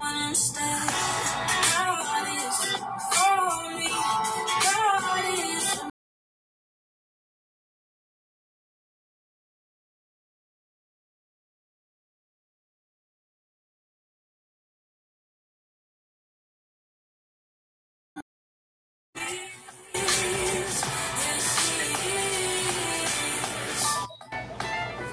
wanna stay. God is for me. God is for me. Yes, he is.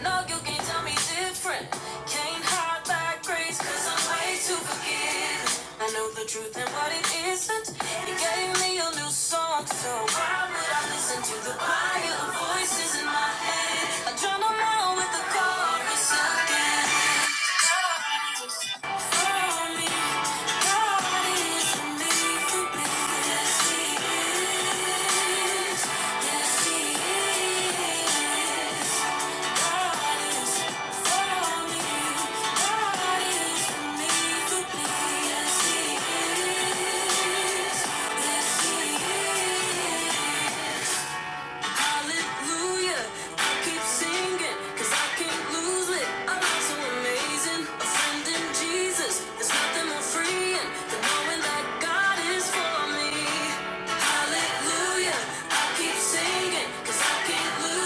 No, you can't tell me different. Can't hide that grace, i I'm way too forgiving. I know the truth and what it isn't. He gave me a new song, so why would I listen to the choir of voices in my head? I drown them out with the chorus again. Yes, he is. Hallelujah. I keep singing, cause I can't lose it. I'm so amazing. A Jesus. There's nothing more freeing than knowing that God is for me. Hallelujah. I keep singing, I can't lose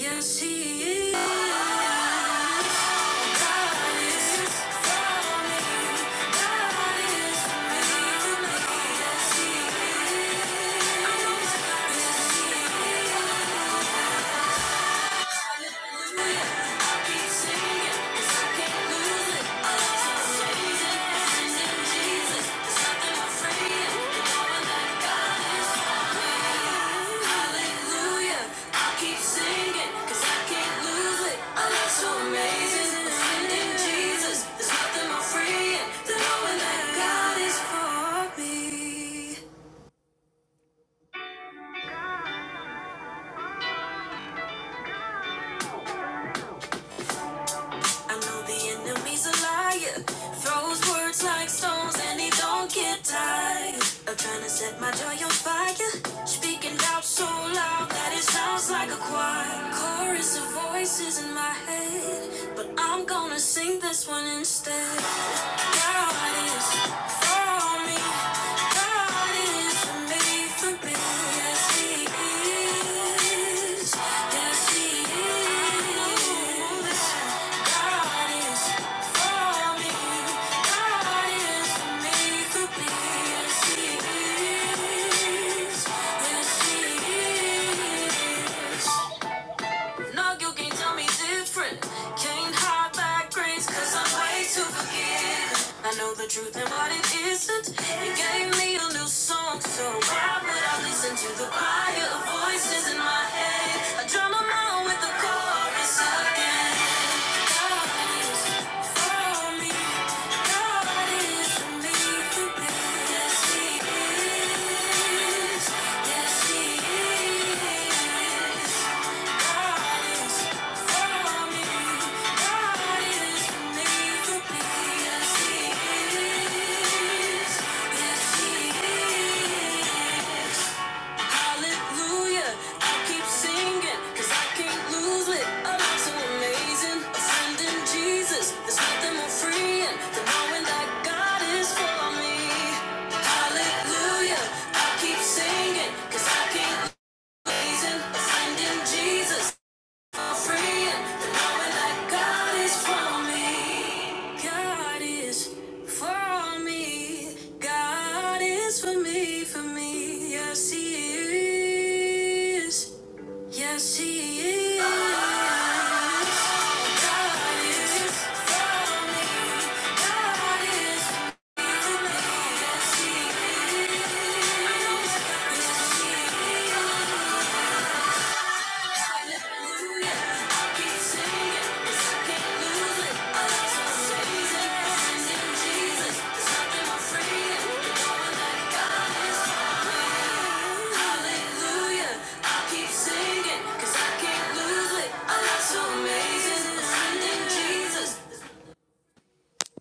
Yes, he is. Thank you Jesus. There's nothing more freeing than knowing that God is for me. I know the enemy's a liar. Throws words like stones and he don't get tired of trying to set my joy on fire. Speaking out so loud that it sounds like a choir. Chorus of voices in my head, but I'm gonna sing this one instead. God is for me. Yes, he is. No, you can not tell me different. Can't hide back grace, cause I'm way too forgiving. I know the truth and what it isn't. You gave me a new song, so why would I listen to the choir of voices in my head? I drown them out with the chorus again. God is for me. God is for me. Yes, He is. Yes, He is. Hallelujah, I keep singing, I can't lose it. I'm so amazing. Ascending Jesus, there's nothing more freeing than knowing that God is for me. Hallelujah, I keep singing, I can't lose it. Amazing, ascending Jesus. Yes, he is. God is for me. God is for me. Yes, he is. Yes, he is.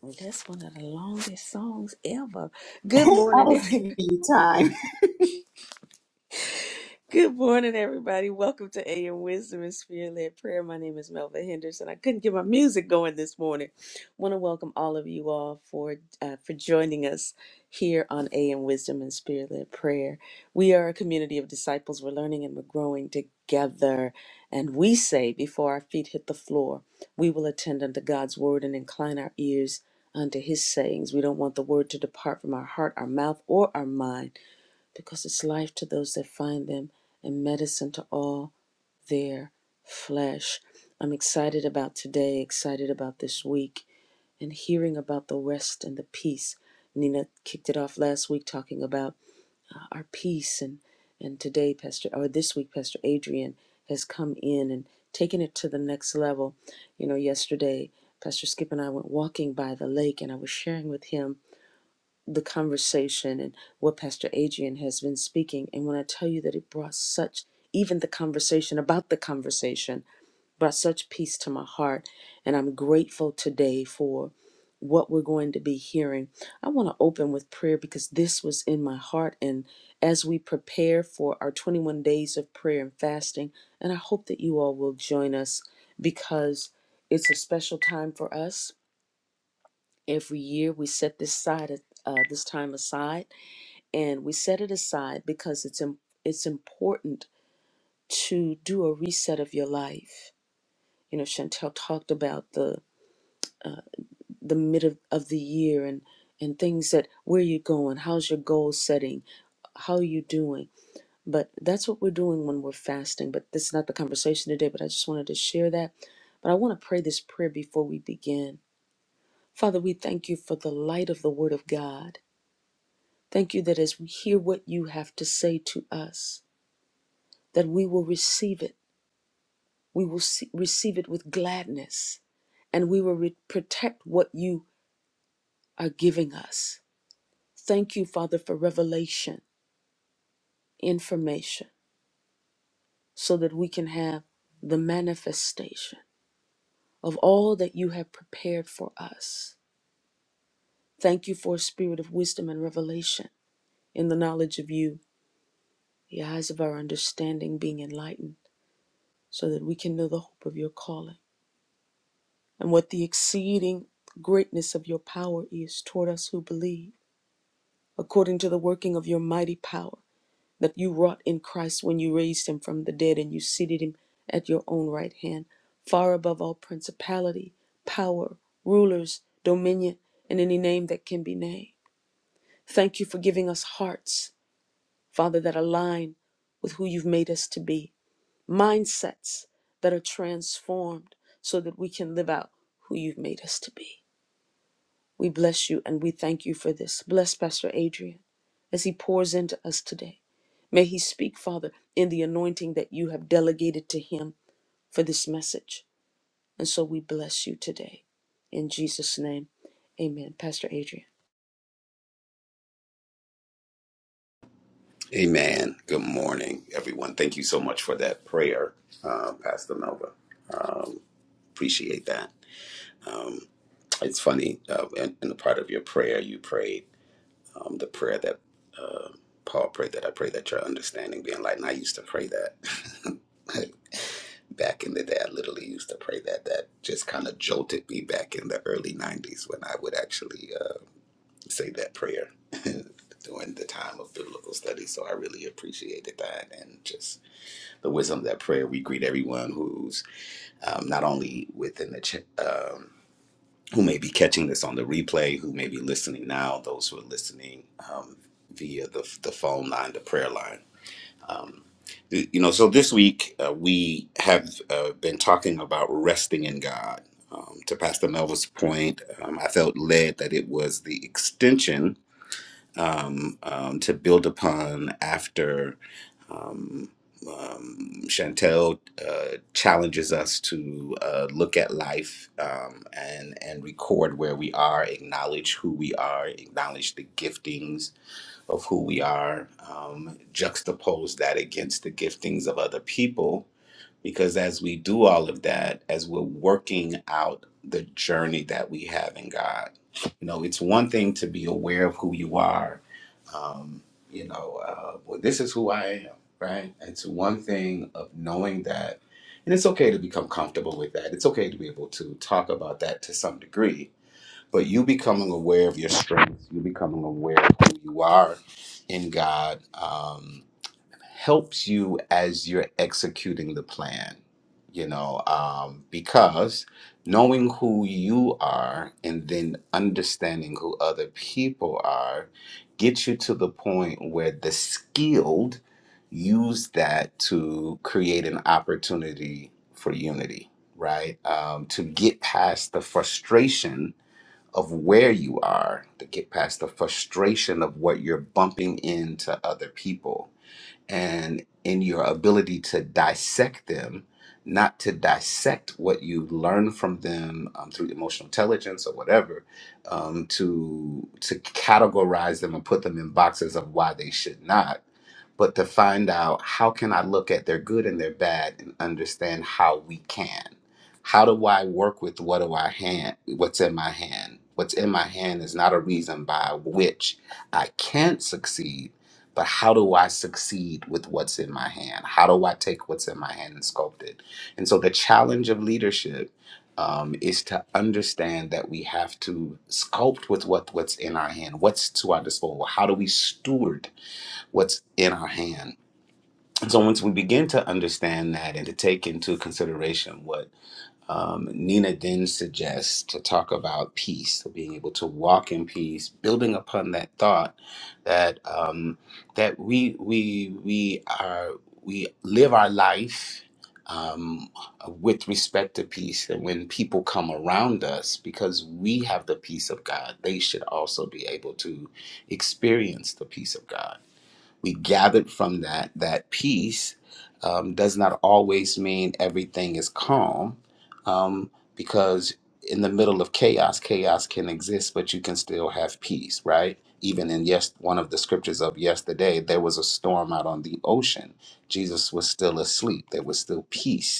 That's one of the longest songs ever. Good I morning, was giving you time. Good morning, everybody. Welcome to AM Wisdom and Spirit Led Prayer. My name is Melva Henderson. I couldn't get my music going this morning. want to welcome all of you all for uh, for joining us here on AM Wisdom and Spirit Led Prayer. We are a community of disciples. We're learning and we're growing together. And we say, before our feet hit the floor, we will attend unto God's word and incline our ears unto His sayings. We don't want the word to depart from our heart, our mouth, or our mind because it's life to those that find them and medicine to all their flesh. I'm excited about today, excited about this week, and hearing about the rest and the peace. Nina kicked it off last week talking about our peace, and, and today, Pastor, or this week, Pastor Adrian has come in and taken it to the next level. You know, yesterday, Pastor Skip and I went walking by the lake, and I was sharing with him the conversation and what Pastor Adrian has been speaking. And when I tell you that it brought such, even the conversation about the conversation, brought such peace to my heart. And I'm grateful today for what we're going to be hearing. I want to open with prayer because this was in my heart. And as we prepare for our 21 days of prayer and fasting, and I hope that you all will join us because it's a special time for us. Every year we set this side uh, this time aside and we set it aside because it's im- it's important to do a reset of your life. You know, Chantel talked about the uh, the mid of, of the year and and things that where you going, how's your goal setting, how are you doing. But that's what we're doing when we're fasting. But this is not the conversation today. But I just wanted to share that. But I want to pray this prayer before we begin. Father, we thank you for the light of the Word of God. Thank you that as we hear what you have to say to us, that we will receive it. We will see, receive it with gladness and we will re- protect what you are giving us. Thank you, Father, for revelation, information, so that we can have the manifestation of all that you have prepared for us. Thank you for a spirit of wisdom and revelation in the knowledge of you, the eyes of our understanding being enlightened, so that we can know the hope of your calling and what the exceeding greatness of your power is toward us who believe, according to the working of your mighty power that you wrought in Christ when you raised him from the dead and you seated him at your own right hand, far above all principality, power, rulers, dominion, and any name that can be named. Thank you for giving us hearts, Father, that align with who you've made us to be, mindsets that are transformed so that we can live out who you've made us to be. We bless you and we thank you for this. Bless Pastor Adrian as he pours into us today. May he speak, Father, in the anointing that you have delegated to him for this message. And so we bless you today. In Jesus' name, amen. Pastor Adrian. Amen. Good morning, everyone. Thank you so much for that prayer, uh, Pastor Melva. Um, appreciate that. Um, it's funny, uh, in, in the part of your prayer, you prayed um, the prayer that uh, Paul prayed that I pray that your understanding be enlightened. I used to pray that back in the day. I literally used to pray that. That just kind of jolted me back in the early 90s when I would actually uh, say that prayer during the time of biblical study. So I really appreciated that and just the wisdom of that prayer, we greet everyone who's um, not only within the, ch- um, who may be catching this on the replay, who may be listening now, those who are listening um, via the, the phone line, the prayer line. Um, y- you know, so this week uh, we have uh, been talking about resting in God. Um, to Pastor Melvin's point, um, I felt led that it was the extension um, um, to build upon after um, um, Chantel uh, challenges us to uh, look at life um, and and record where we are, acknowledge who we are, acknowledge the giftings of who we are, um, juxtapose that against the giftings of other people, because as we do all of that, as we're working out the journey that we have in God, you know, it's one thing to be aware of who you are. Um, you know, uh, well, this is who I am, right? It's one thing of knowing that. And it's okay to become comfortable with that. It's okay to be able to talk about that to some degree. But you becoming aware of your strengths, you becoming aware of who you are in God. Um, helps you as you're executing the plan, you know, um, because knowing who you are and then understanding who other people are gets you to the point where the skilled use that to create an opportunity for unity, right? Um, to get past the frustration of where you are, to get past the frustration of what you're bumping into other people and in your ability to dissect them, not to dissect what you learn from them um, through emotional intelligence or whatever, um, to to categorize them and put them in boxes of why they should not but to find out how can I look at their good and their bad and understand how we can. How do I work with what do I hand what's in my hand? What's in my hand is not a reason by which I can't succeed, but how do I succeed with what's in my hand? How do I take what's in my hand and sculpt it? And so the challenge of leadership um, is to understand that we have to sculpt with what, what's in our hand, what's to our disposal. How do we steward what's in our hand. And so once we begin to understand that and to take into consideration what um, Nina then suggests to talk about peace, so being able to walk in peace, building upon that thought that um, that we we we are we live our life um, with respect to peace, and when people come around us, because we have the peace of God, they should also be able to experience the peace of God we gathered from that that peace um, does not always mean everything is calm um, because in the middle of chaos chaos can exist but you can still have peace right even in yes one of the scriptures of yesterday there was a storm out on the ocean jesus was still asleep there was still peace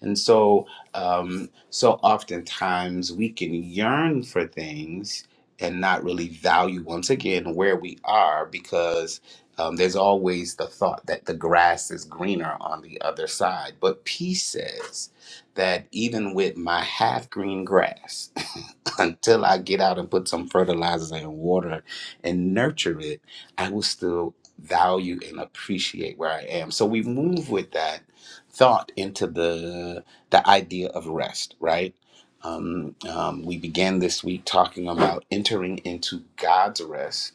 and so, um, so oftentimes we can yearn for things and not really value once again where we are because um, there's always the thought that the grass is greener on the other side. But peace says that even with my half green grass, until I get out and put some fertilizer and water and nurture it, I will still value and appreciate where I am. So we move with that thought into the the idea of rest, right? Um, um, we began this week talking about entering into God's rest.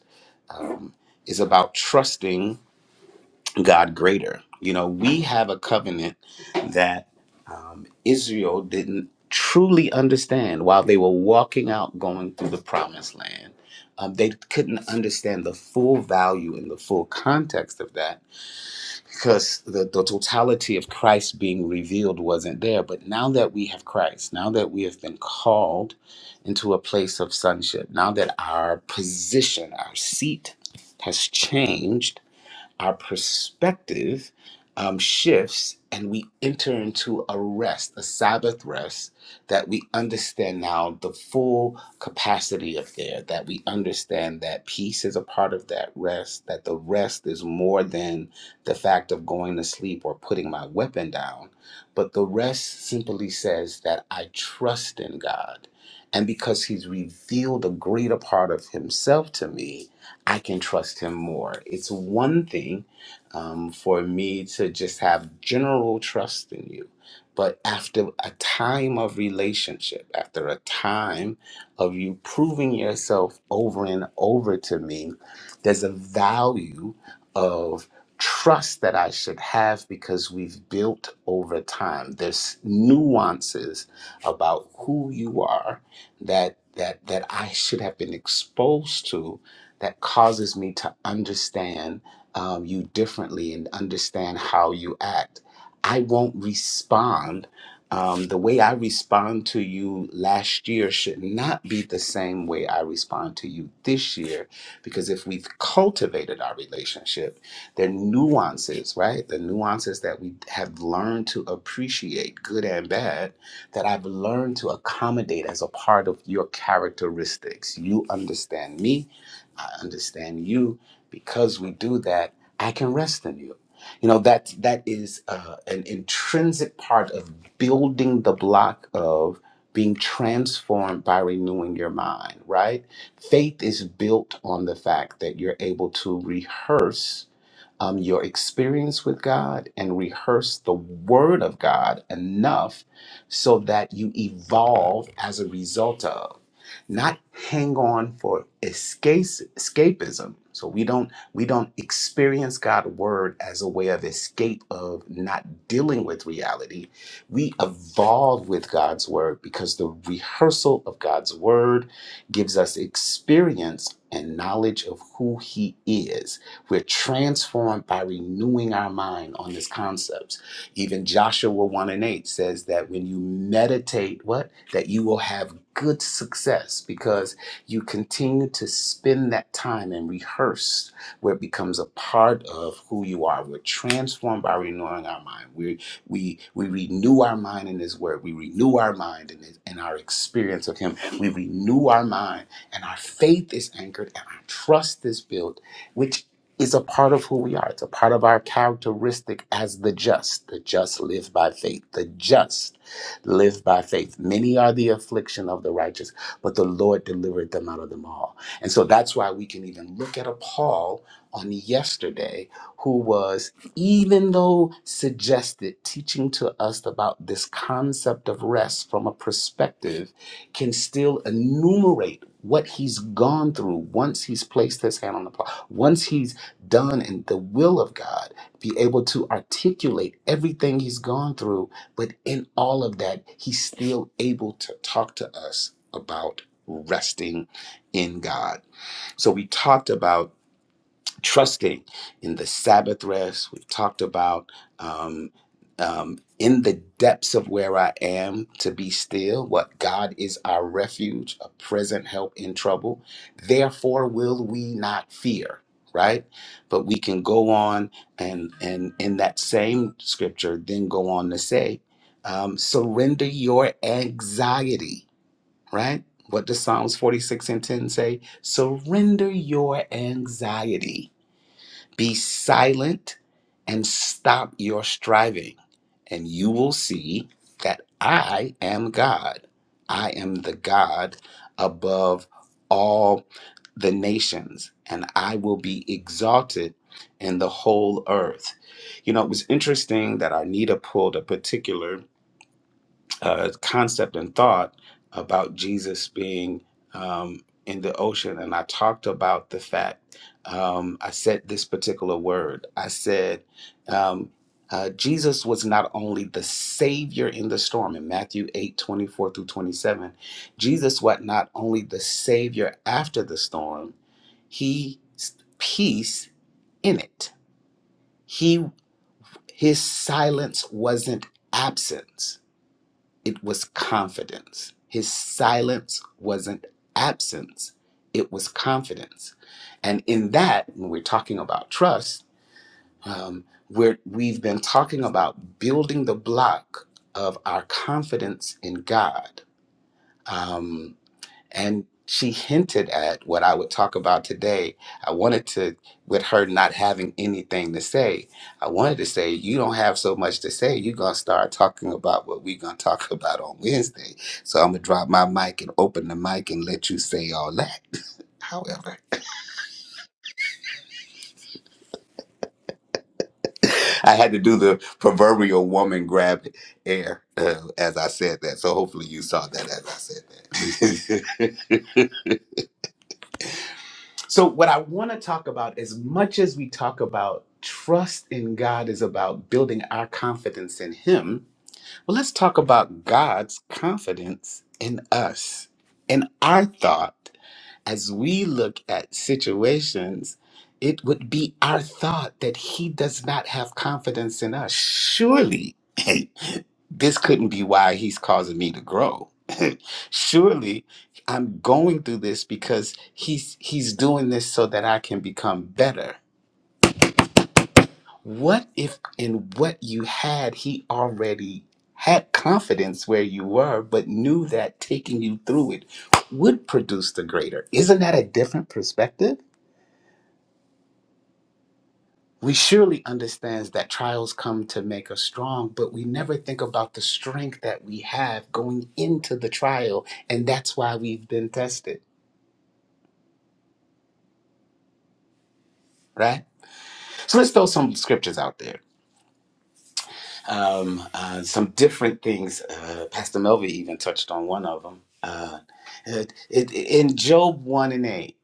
Um, is about trusting God greater. You know, we have a covenant that um, Israel didn't truly understand while they were walking out going through the promised land. Um, they couldn't understand the full value and the full context of that because the, the totality of Christ being revealed wasn't there. But now that we have Christ, now that we have been called into a place of sonship, now that our position, our seat has changed our perspective um, shifts and we enter into a rest, a Sabbath rest that we understand now the full capacity of there, that we understand that peace is a part of that rest, that the rest is more than the fact of going to sleep or putting my weapon down, but the rest simply says that I trust in God. And because he's revealed a greater part of himself to me, I can trust him more. It's one thing um, for me to just have general trust in you, but after a time of relationship, after a time of you proving yourself over and over to me, there's a value of trust that I should have because we've built over time. There's nuances about who you are that that that I should have been exposed to that causes me to understand um, you differently and understand how you act. I won't respond. Um, the way I respond to you last year should not be the same way I respond to you this year, because if we've cultivated our relationship, there are nuances, right? The nuances that we have learned to appreciate, good and bad, that I've learned to accommodate as a part of your characteristics. You understand me, I understand you. Because we do that, I can rest in you. You know that that is uh, an intrinsic part of building the block of being transformed by renewing your mind. Right? Faith is built on the fact that you're able to rehearse um, your experience with God and rehearse the Word of God enough so that you evolve as a result of, not hang on for escape, escapism. So we don't we don't experience God's word as a way of escape of not dealing with reality. We evolve with God's word because the rehearsal of God's word gives us experience and knowledge of who He is we're transformed by renewing our mind on these concepts. Even Joshua 1 and 8 says that when you meditate, what? That you will have good success because you continue to spend that time and rehearse where it becomes a part of who you are. We're transformed by renewing our mind. We we we renew our mind in his word. We renew our mind in, his, in our experience of him. We renew our mind and our faith is anchored and our trust is built which is a part of who we are. It's a part of our characteristic as the just. The just live by faith. The just live by faith. Many are the affliction of the righteous, but the Lord delivered them out of them all. And so that's why we can even look at a Paul on yesterday who was, even though suggested, teaching to us about this concept of rest from a perspective, can still enumerate what he's gone through once he's placed his hand on the plow once he's done in the will of God, be able to articulate everything he's gone through. But in all of that, he's still able to talk to us about resting in God. So we talked about trusting in the Sabbath rest. We've talked about um, um, in the depths of where I am to be still, what God is our refuge, a present help in trouble. Therefore, will we not fear? Right, but we can go on and and in that same scripture, then go on to say, um, surrender your anxiety. Right, what does Psalms forty six and ten say? Surrender your anxiety be silent and stop your striving, and you will see that I am God. I am the God above all the nations, and I will be exalted in the whole earth. You know, it was interesting that Arnita pulled a particular uh, concept and thought about Jesus being um, in the ocean, and I talked about the fact um, I said this particular word. I said um, uh, Jesus was not only the Savior in the storm in Matthew 8 24 through 27, Jesus was not only the Savior after the storm, He peace in it. He his silence wasn't absence it was confidence. His silence wasn't absence, it was confidence. And in that, when we're talking about trust, um, we're, we've been talking about building the block of our confidence in God. Um, and she hinted at what I would talk about today. I wanted to, with her not having anything to say, I wanted to say, You don't have so much to say. You're going to start talking about what we're going to talk about on Wednesday. So I'm going to drop my mic and open the mic and let you say all that. However, I had to do the proverbial woman grab air uh, as I said that. So hopefully you saw that as I said that. So, what I want to talk about, as much as we talk about trust in God, is about building our confidence in Him. Well, let's talk about God's confidence in us, in our thought as we look at situations, it would be our thought that he does not have confidence in us. Surely, hey, this couldn't be why he's causing me to grow. Surely, I'm going through this because he's he's doing this so that I can become better. What if in what you had he already had confidence where you were, but knew that taking you through it would produce the greater? Isn't that a different perspective? we surely understands that trials come to make us strong but we never think about the strength that we have going into the trial and that's why we've been tested right so let's throw some scriptures out there um, uh, some different things uh, pastor melvin even touched on one of them uh, it, it, in job 1 and 8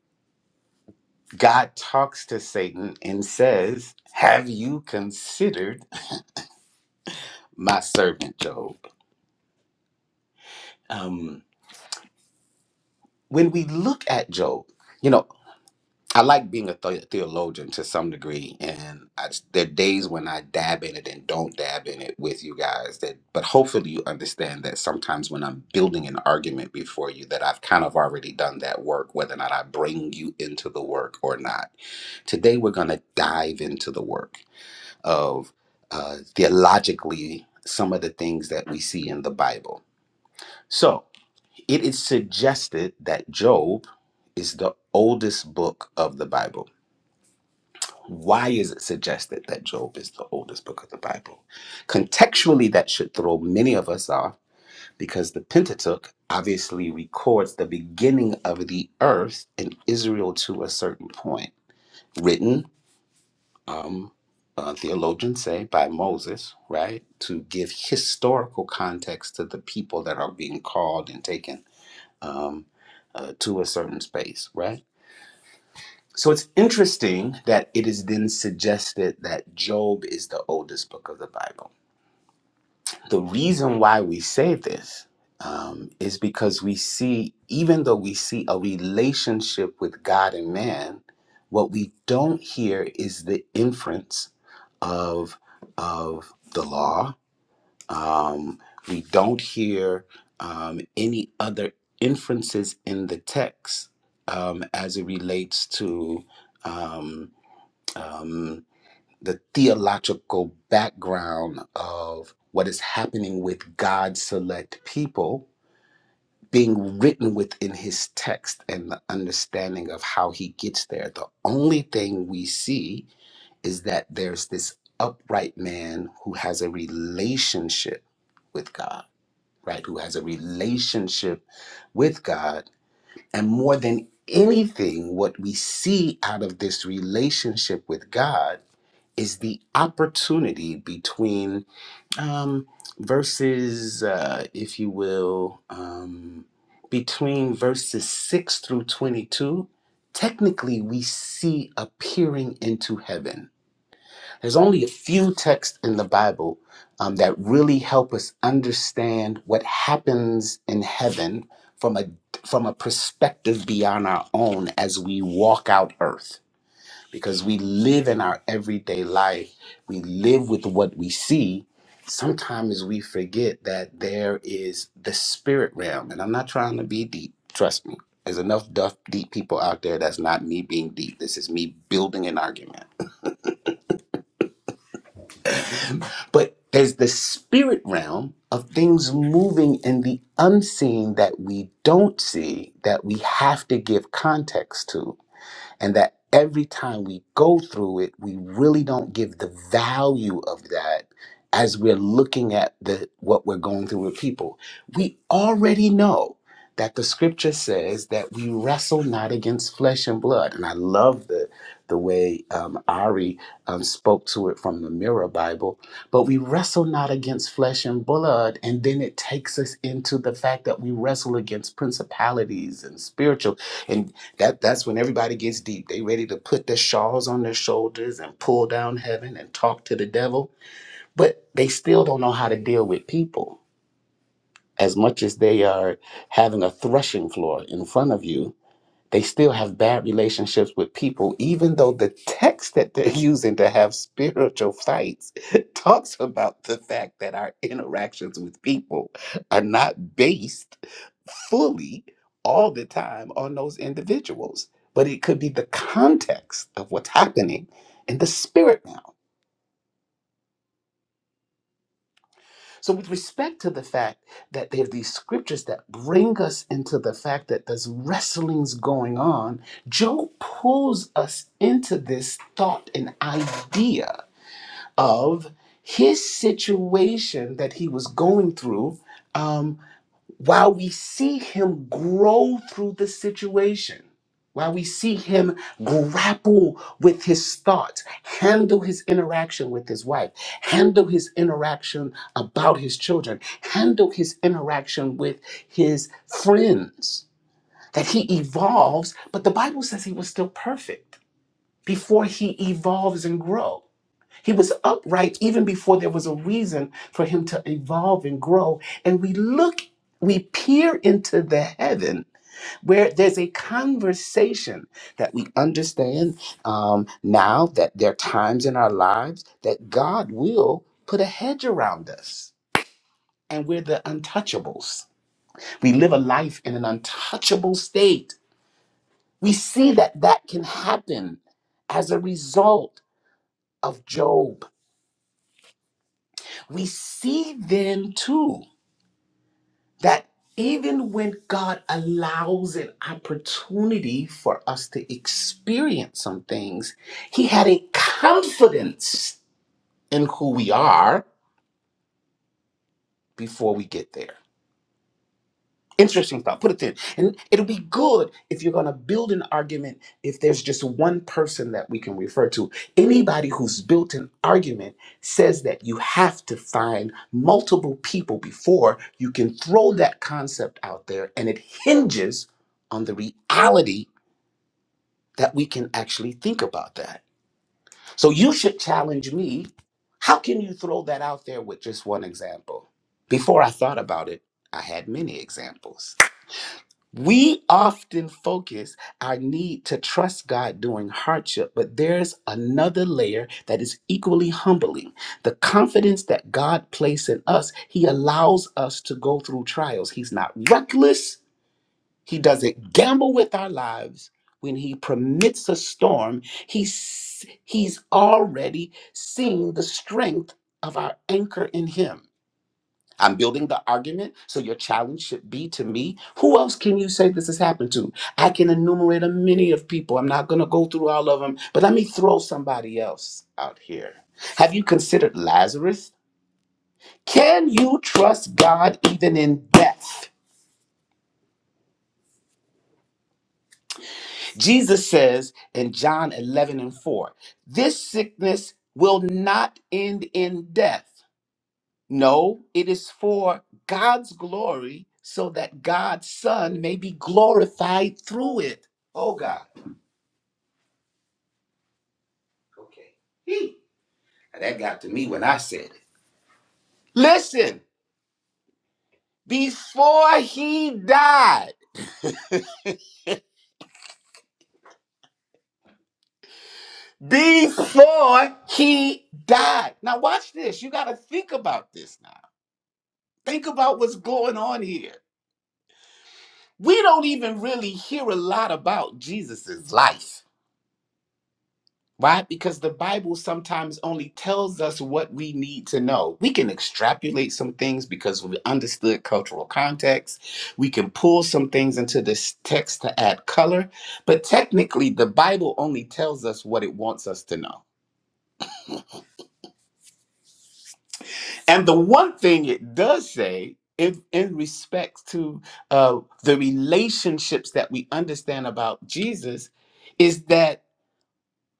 god talks to satan and says have you considered my servant job um, when we look at job you know I like being a the- theologian to some degree, and I, there are days when I dab in it and don't dab in it with you guys. That, but hopefully, you understand that sometimes when I'm building an argument before you, that I've kind of already done that work, whether or not I bring you into the work or not. Today, we're going to dive into the work of uh, theologically some of the things that we see in the Bible. So, it is suggested that Job is the oldest book of the Bible Why is it suggested that Job is the oldest book of the Bible? Contextually, that should throw many of us off because the Pentateuch obviously records the beginning of the earth in Israel to a certain point, written, um, uh, theologians say, by Moses, right, to give historical context to the people that are being called and taken um, uh, to a certain space, right? So it's interesting that it is then suggested that Job is the oldest book of the Bible. The reason why we say this um, is because we see, even though we see a relationship with God and man, what we don't hear is the inference of of the law. Um, we don't hear um, any other inferences in the text um, as it relates to. um, um, the theological background of what is happening with God's select people being written within his text and the understanding of how he gets there. The only thing we see is that there's this upright man who has a relationship with God, right? Who has a relationship with God. And more than anything, what we see out of this relationship with God is the opportunity between um, verses, uh, if you will, um, between verses 6 through 22. Technically, we see a peering into heaven. There's only a few texts in the Bible um, that really help us understand what happens in heaven from a from a perspective beyond our own as we walk out earth because we live in our everyday life. We live with what we see. Sometimes we forget that there is the spirit realm. And I'm not trying to be deep, trust me. There's enough duff, deep people out there that's not me being deep. This is me building an argument. But there's the spirit realm of things moving in the unseen that we don't see that we have to give context to and that every time we go through it, we really don't give the value of that as we're looking at the what we're going through with people. We already know that the scripture says that we wrestle not against flesh and blood, and I love the the way um, Ari um, spoke to it from the Mirror Bible. But we wrestle not against flesh and blood, and then it takes us into the fact that we wrestle against principalities and spiritual. That that's when everybody gets deep. They ready to put their shawls on their shoulders and pull down heaven and talk to the devil, but they still don't know how to deal with people. As much as they are having a threshing floor in front of you, they still have bad relationships with people, even though the text that they're using to have spiritual fights talks about the fact that our interactions with people are not based fully all the time on those individuals. But it could be the context of what's happening in the spirit realm. So, with respect to the fact that there are these scriptures that bring us into the fact that there's wrestlings going on, Job pulls us into this thought and idea of his situation that he was going through. um, while we see him grow through the situation, while we see him grapple with his thoughts, handle his interaction with his wife, handle his interaction about his children, handle his interaction with his friends, that he evolves, but the Bible says he was still perfect before he evolves and grows. He was upright even before there was a reason for him to evolve and grow. And we look, we peer into the heaven where there's a conversation that we understand um, now that there are times in our lives that God will put a hedge around us and we're the untouchables. We live a life in an untouchable state. We see that that can happen as a result of Job. We see then too that even when God allows an opportunity for us to experience some things, He had a confidence in who we are before we get there. Interesting thought. Put it in, And it'll be good if you're going to build an argument if there's just one person that we can refer to. Anybody who's built an argument says that you have to find multiple people before you can throw that concept out there. And it hinges on the reality that we can actually think about that. So you should challenge me. How can you throw that out there with just one example? Before I thought about it, I had many examples. We often focus our need to trust God during hardship, but there's another layer that is equally humbling. The confidence that God places in us, He allows us to go through trials. He's not reckless, He doesn't gamble with our lives. When He permits a storm, he's, he's already seen the strength of our anchor in Him. I'm building the argument, so your challenge should be to me. Who else can you say this has happened to? I can enumerate a many of people. I'm not going to go through all of them, but let me throw somebody else out here. Have you considered Lazarus? Can you trust God even in death? Jesus says in John 11 and 4, this sickness will not end in death. No, it is for God's glory so that God's Son may be glorified through it. Oh, God. Okay. He. Now That got to me when I said it. Listen, before he died, before he died. Now, watch this. You got to think about this now. Think about what's going on here. We don't even really hear a lot about Jesus's life Why? Because the Bible sometimes only tells us what we need to know. We can extrapolate some things because we understood cultural context. We can pull some things into this text to add color. But technically, the Bible only tells us what it wants us to know. And the one thing it does say, in, in respect to uh, the relationships that we understand about Jesus, is that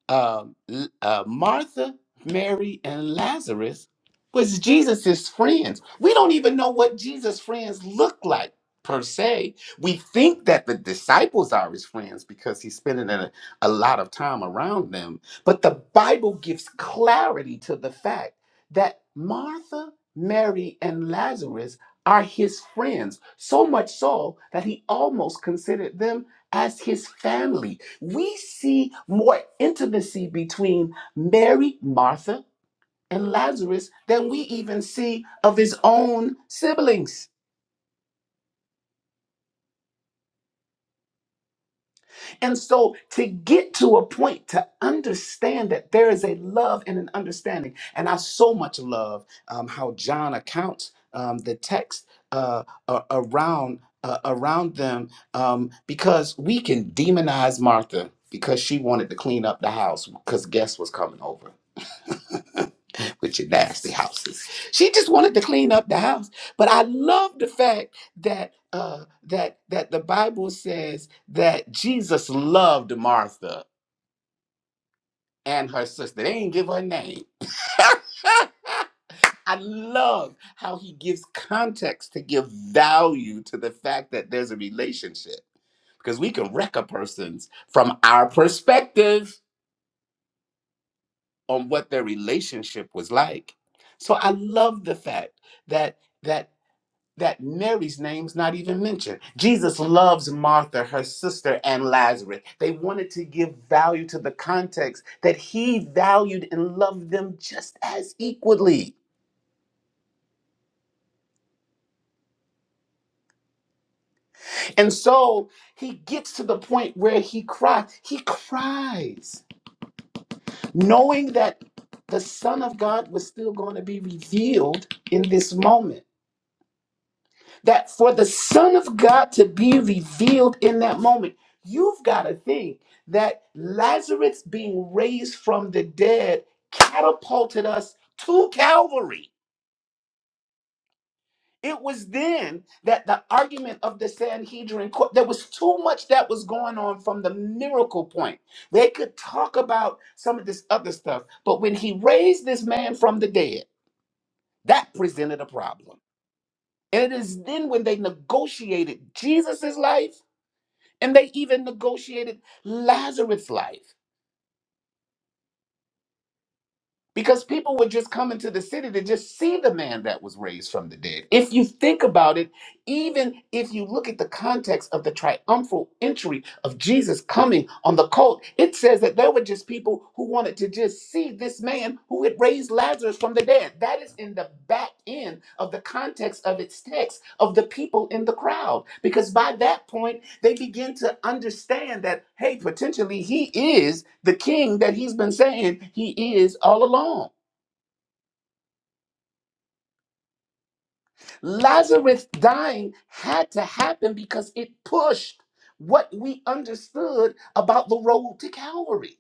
um, L- uh, Martha, Mary, and Lazarus was Jesus's friends. We don't even know what Jesus' friends look like per se. We think that the disciples are his friends because he's spending a, a lot of time around them. But the Bible gives clarity to the fact that Martha, Mary, and Lazarus are his friends, so much so that he almost considered them as his family. We see more intimacy between Mary, Martha, and Lazarus than we even see of his own siblings. And so to get to a point to understand that there is a love and an understanding, and I so much love um, how John accounts um, the text uh, a- around uh, around them um, because we can demonize Martha because she wanted to clean up the house because guests was coming over with your nasty houses. She just wanted to clean up the house, but I love the fact that uh that that the bible says that jesus loved martha and her sister they didn't give her name i love how he gives context to give value to the fact that there's a relationship because we can wreck a person's from our perspective on what their relationship was like so i love the fact that that that Mary's name's not even mentioned. Jesus loves Martha, her sister, and Lazarus. They wanted to give value to the context that he valued and loved them just as equally. And so he gets to the point where he cries. He cries, knowing that the Son of God was still going to be revealed in this moment. that for the Son of God to be revealed in that moment, you've got to think that Lazarus being raised from the dead catapulted us to Calvary. It was then that the argument of the Sanhedrin court, there was too much that was going on from the miracle point. They could talk about some of this other stuff, but when he raised this man from the dead, that presented a problem. And it is then when they negotiated Jesus' life And they even negotiated Lazarus' life because people were just coming to the city to just see the man that was raised from the dead. If you think about it, Even if you look at the context of the triumphal entry of Jesus coming on the colt, it says that there were just people who wanted to just see this man who had raised Lazarus from the dead. That is in the back end of the context of its text of the people in the crowd. Because by that point, they begin to understand that, hey, potentially he is the king that he's been saying he is all along. Lazarus dying had to happen because it pushed what we understood about the road to Calvary.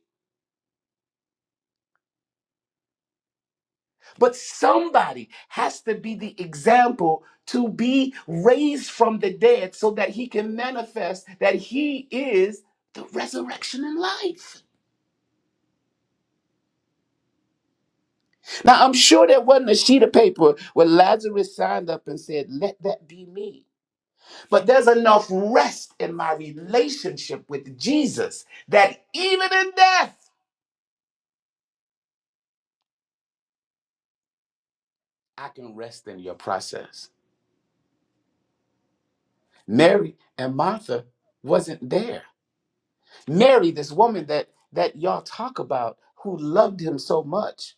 But somebody has to be the example to be raised from the dead so that he can manifest that he is the resurrection and life. Now, I'm sure there wasn't a sheet of paper where Lazarus signed up and said, Let that be me. But there's enough rest in my relationship with Jesus that even in death, I can rest in your process. Mary and Martha wasn't there. Mary, this woman that that y'all talk about who loved him so much.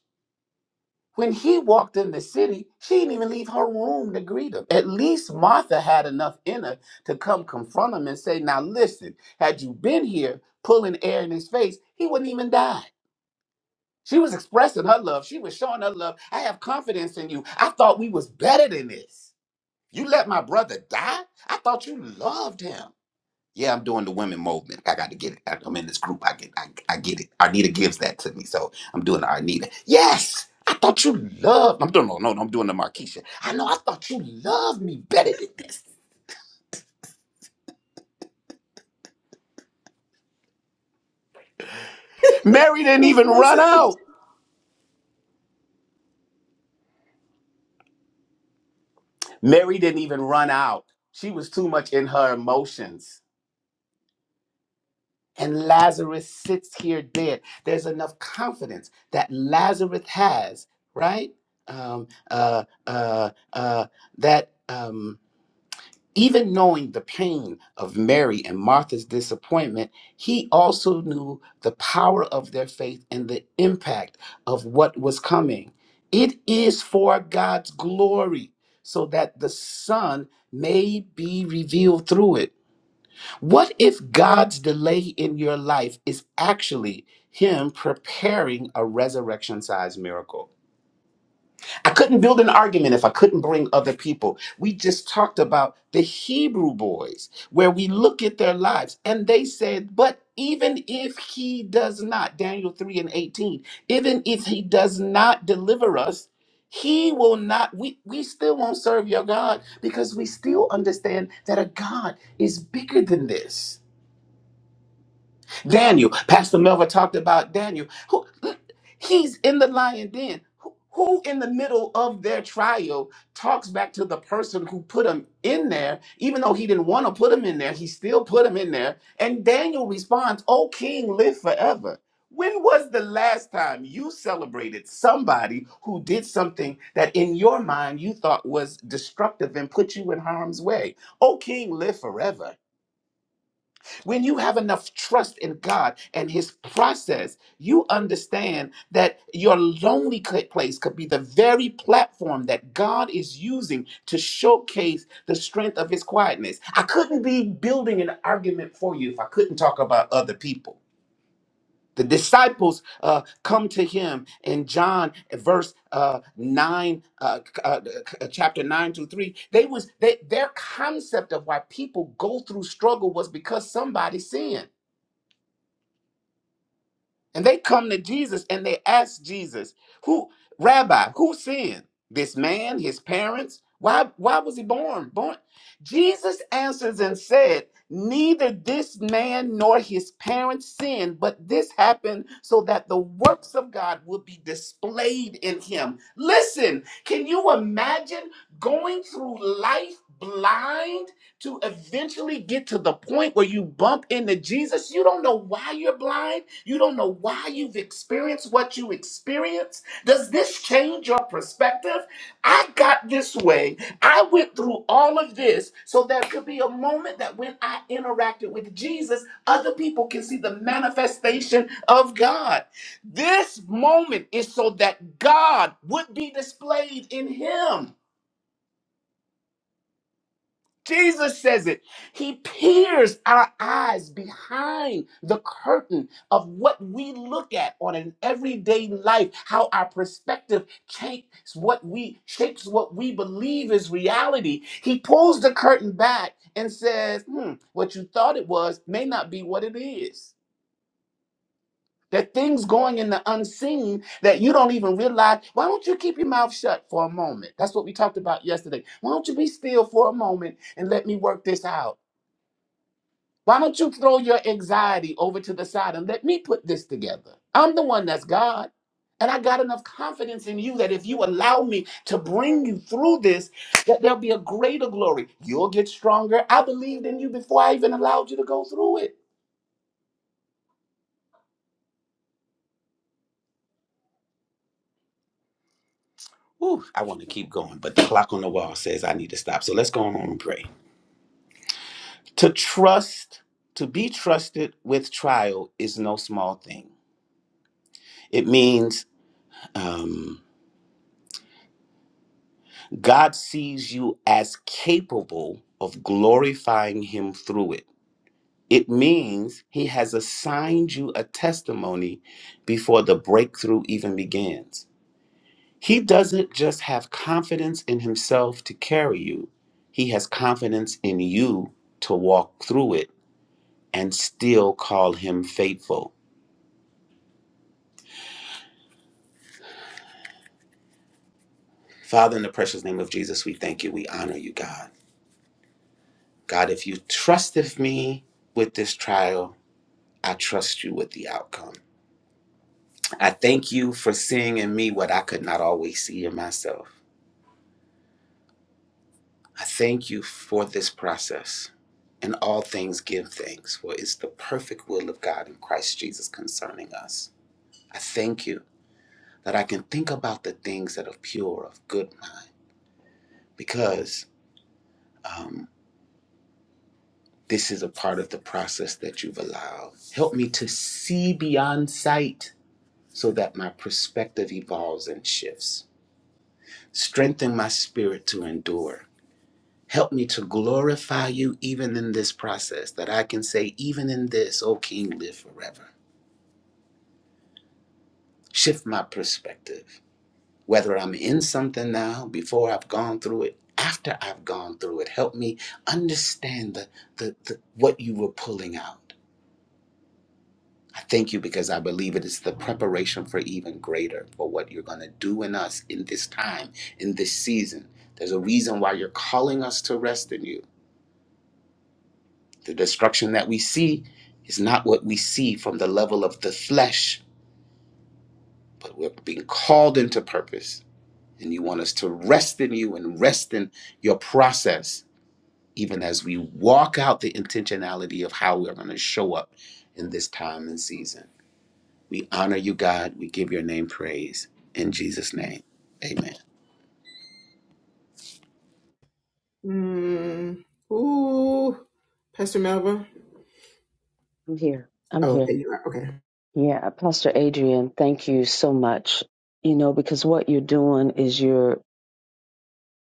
When he walked in the city, she didn't even leave her room to greet him. At least Martha had enough in her to come confront him and say, Now listen, had you been here pulling air in his face, he wouldn't even die. She was expressing her love. She was showing her love. I have confidence in you. I thought we was better than this. You let my brother die? I thought you loved him. Yeah, I'm doing the women movement. I got to get it. I- I'm in this group. I get, I, I get it. Arnita gives that to me, so I'm doing the Arnita. Yes, I thought you loved. I'm doing no, no, no, I'm doing the Marquisha. I know. I thought you loved me better than this. Mary didn't in even run person. out. Mary didn't even run out. She was too much in her emotions. and Lazarus sits here dead. There's enough confidence that Lazarus has, right? Um, uh, uh, uh, that um, even knowing the pain of Mary and Martha's disappointment, he also knew the power of their faith and the impact of what was coming. It is for God's glory, so that the Son may be revealed through it. What if God's delay in your life is actually Him preparing a resurrection sized miracle? I couldn't build an argument if I couldn't bring other people. We just talked about the Hebrew boys, where we look at their lives and they said, But even if He does not, Daniel 3 and 18, even if He does not deliver us, he will not, we, we still won't serve your God because we still understand that a God is bigger than this. Daniel. Pastor Melva talked about Daniel. Who, he's in the lion den. Who who in the middle of their trial talks back to the person who put him in there, even though he didn't want to put him in there, he still put him in there. And Daniel responds, "O king, live forever. When was the last time you celebrated somebody who did something that in your mind you thought was destructive and put you in harm's way? O king, live forever. When you have enough trust in God and His process, you understand that your lonely cl- place could be the very platform that God is using to showcase the strength of His quietness. I couldn't be building an argument for you if I couldn't talk about other people. The disciples uh, come to him in John verse uh, nine, uh, c- uh, c- uh, chapter nine to three. They was they, their concept of why people go through struggle was because somebody sinned. And they come to Jesus and they ask Jesus, "Who, Rabbi, who sinned? This man, his parents? Why? Why was he born? Born?" Jesus answers and said, "Neither this man nor his parents sinned, but this happened so that the works of God would be displayed in him." Listen, can you imagine going through life blind? to eventually get to the point where you bump into Jesus. You don't know why you're blind. You don't know why you've experienced what you experienced. Does this change your perspective? I got this way. I went through all of this so there could be a moment that when I interacted with Jesus, other people can see the manifestation of God. This moment is so that God would be displayed in him. Jesus says it. He peers our eyes behind the curtain of what we look at on an everyday life, how our perspective shapes what we shapes what we believe is reality. He pulls the curtain back and says, hmm, what you thought it was may not be what it is. There are things going in the unseen that you don't even realize. Why don't you keep your mouth shut for a moment? That's what we talked about yesterday. Why don't you be still for a moment and let me work this out? Why don't you throw your anxiety over to the side and let me put this together? I'm the one that's God. And I got enough confidence in you that if you allow me to bring you through this, that there'll be a greater glory. You'll get stronger. I believed in you before I even allowed you to go through it. Whew, I want to keep going, but the clock on the wall says I need to stop. So let's go on and pray. To trust, to be trusted with trial is no small thing. It means, um, God sees you as capable of glorifying Him through it. It means He has assigned you a testimony before the breakthrough even begins. He doesn't just have confidence in Himself to carry you, He has confidence in you to walk through it and still call Him faithful. Father, in the precious name of Jesus, we thank you. We honor you, God. God, if you trusted me with this trial, I trust you with the outcome. I thank you for seeing in me what I could not always see in myself. I thank you for this process. And all things give thanks, for it's the perfect will of God in Christ Jesus concerning us. I thank you that I can think about the things that are pure of good mind, because um, this is a part of the process that you've allowed. Help me to see beyond sight so that my perspective evolves and shifts. Strengthen my spirit to endure Help me to glorify you even in this process, that I can say, even in this, O King, live forever. Shift my perspective. Whether I'm in something now, before I've gone through it, after I've gone through it, help me understand the, the, the, what you were pulling out. I thank you because I believe it is the preparation for even greater, for what you're going to do in us in this time, in this season. There's a reason why you're calling us to rest in you. The destruction that we see is not what we see from the level of the flesh, but we're being called into purpose. And you want us to rest in you and rest in your process, even as we walk out the intentionality of how we're going to show up in this time and season. We honor you, God. We give your name praise. In Jesus' name, amen. Mm. Ooh. Pastor Melva. I'm here. I'm Oh, here. there you are. Okay. Yeah, Pastor Adrian, thank you so much. You know, because what you're doing is you're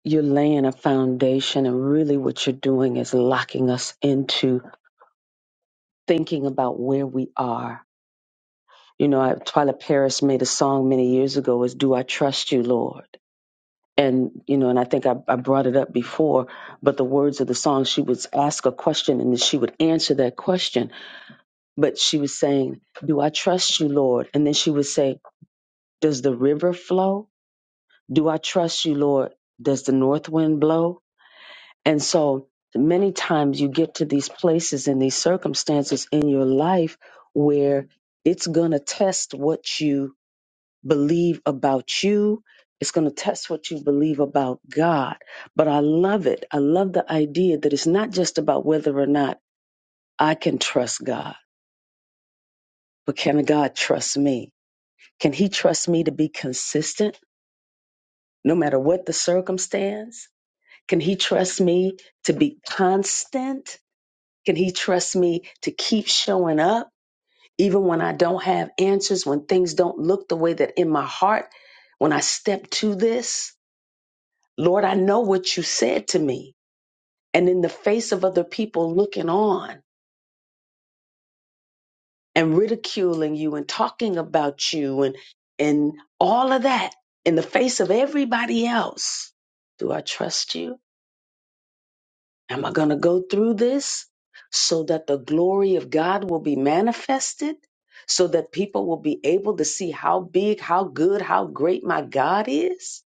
you're laying a foundation and really what you're doing is locking us into thinking about where we are You know, I, Twyla Paris made a song many years ago was Do I Trust You, Lord? And, you know, and I think I, I brought it up before, but the words of the song, she would ask a question and then she would answer that question. But she was saying, Do I trust you, Lord? And then she would say, Does the river flow? Do I trust you, Lord? Does the north wind blow? And so many times you get to these places and these circumstances in your life where it's going to test what you believe about you. It's going to test what you believe about God. But I love it. I love the idea that it's not just about whether or not I can trust God, but can God trust me? Can He trust me to be consistent no matter what the circumstance? Can He trust me to be constant? Can He trust me to keep showing up even when I don't have answers, when things don't look the way that in my heart, when I step to this? Lord, I know what you said to me. And in the face of other people looking on and ridiculing you and talking about you and, and all of that, in the face of everybody else, do I trust you? Am I going to go through this so that the glory of God will be manifested? So that people will be able to see how big, how good, how great my God is?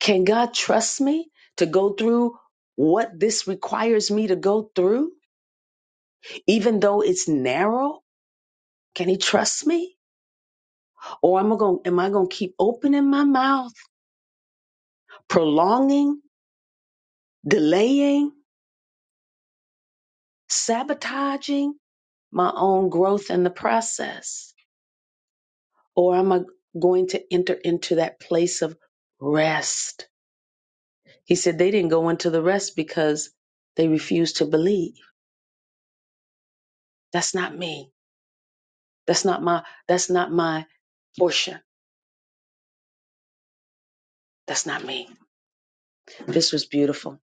Can God trust me to go through what this requires me to go through? Even though it's narrow, can he trust me? Or am I going am I going to keep opening my mouth, prolonging, delaying, sabotaging my own growth in the process? Or am I going to enter into that place of rest? He said they didn't go into the rest because they refused to believe. That's not me. That's not my that's not my portion. That's not me. This was beautiful.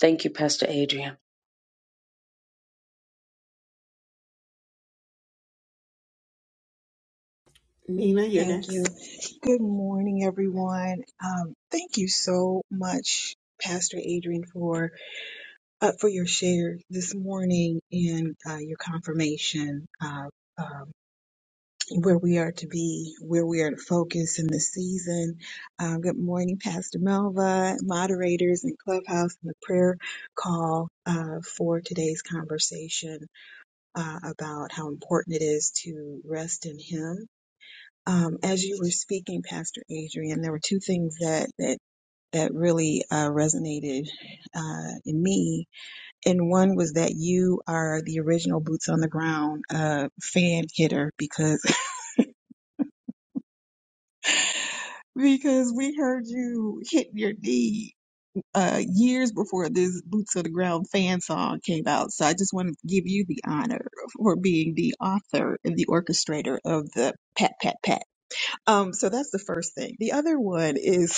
Thank you, Pastor Adrian. Nina, you're Thank next. you. Good morning, everyone. Um, thank you so much, Pastor Adrian, for uh, for your share this morning and uh, your confirmation of um, where we are to be, where we are to focus in this season. Um, good morning, Pastor Melva, moderators in Clubhouse, and the prayer call uh, for today's conversation uh, about how important it is to rest in Him um, as you were speaking, Pastor Adrian, there were two things that that that really uh, resonated uh, in me, and one was that you are the original boots on the ground uh, fan hitter because because we heard you hit your knee. Uh, years before this Boots on the Ground fan song came out. So I just want to give you the honor for being the author and the orchestrator of the Pat Pat Pat. Um, so that's the first thing. The other one is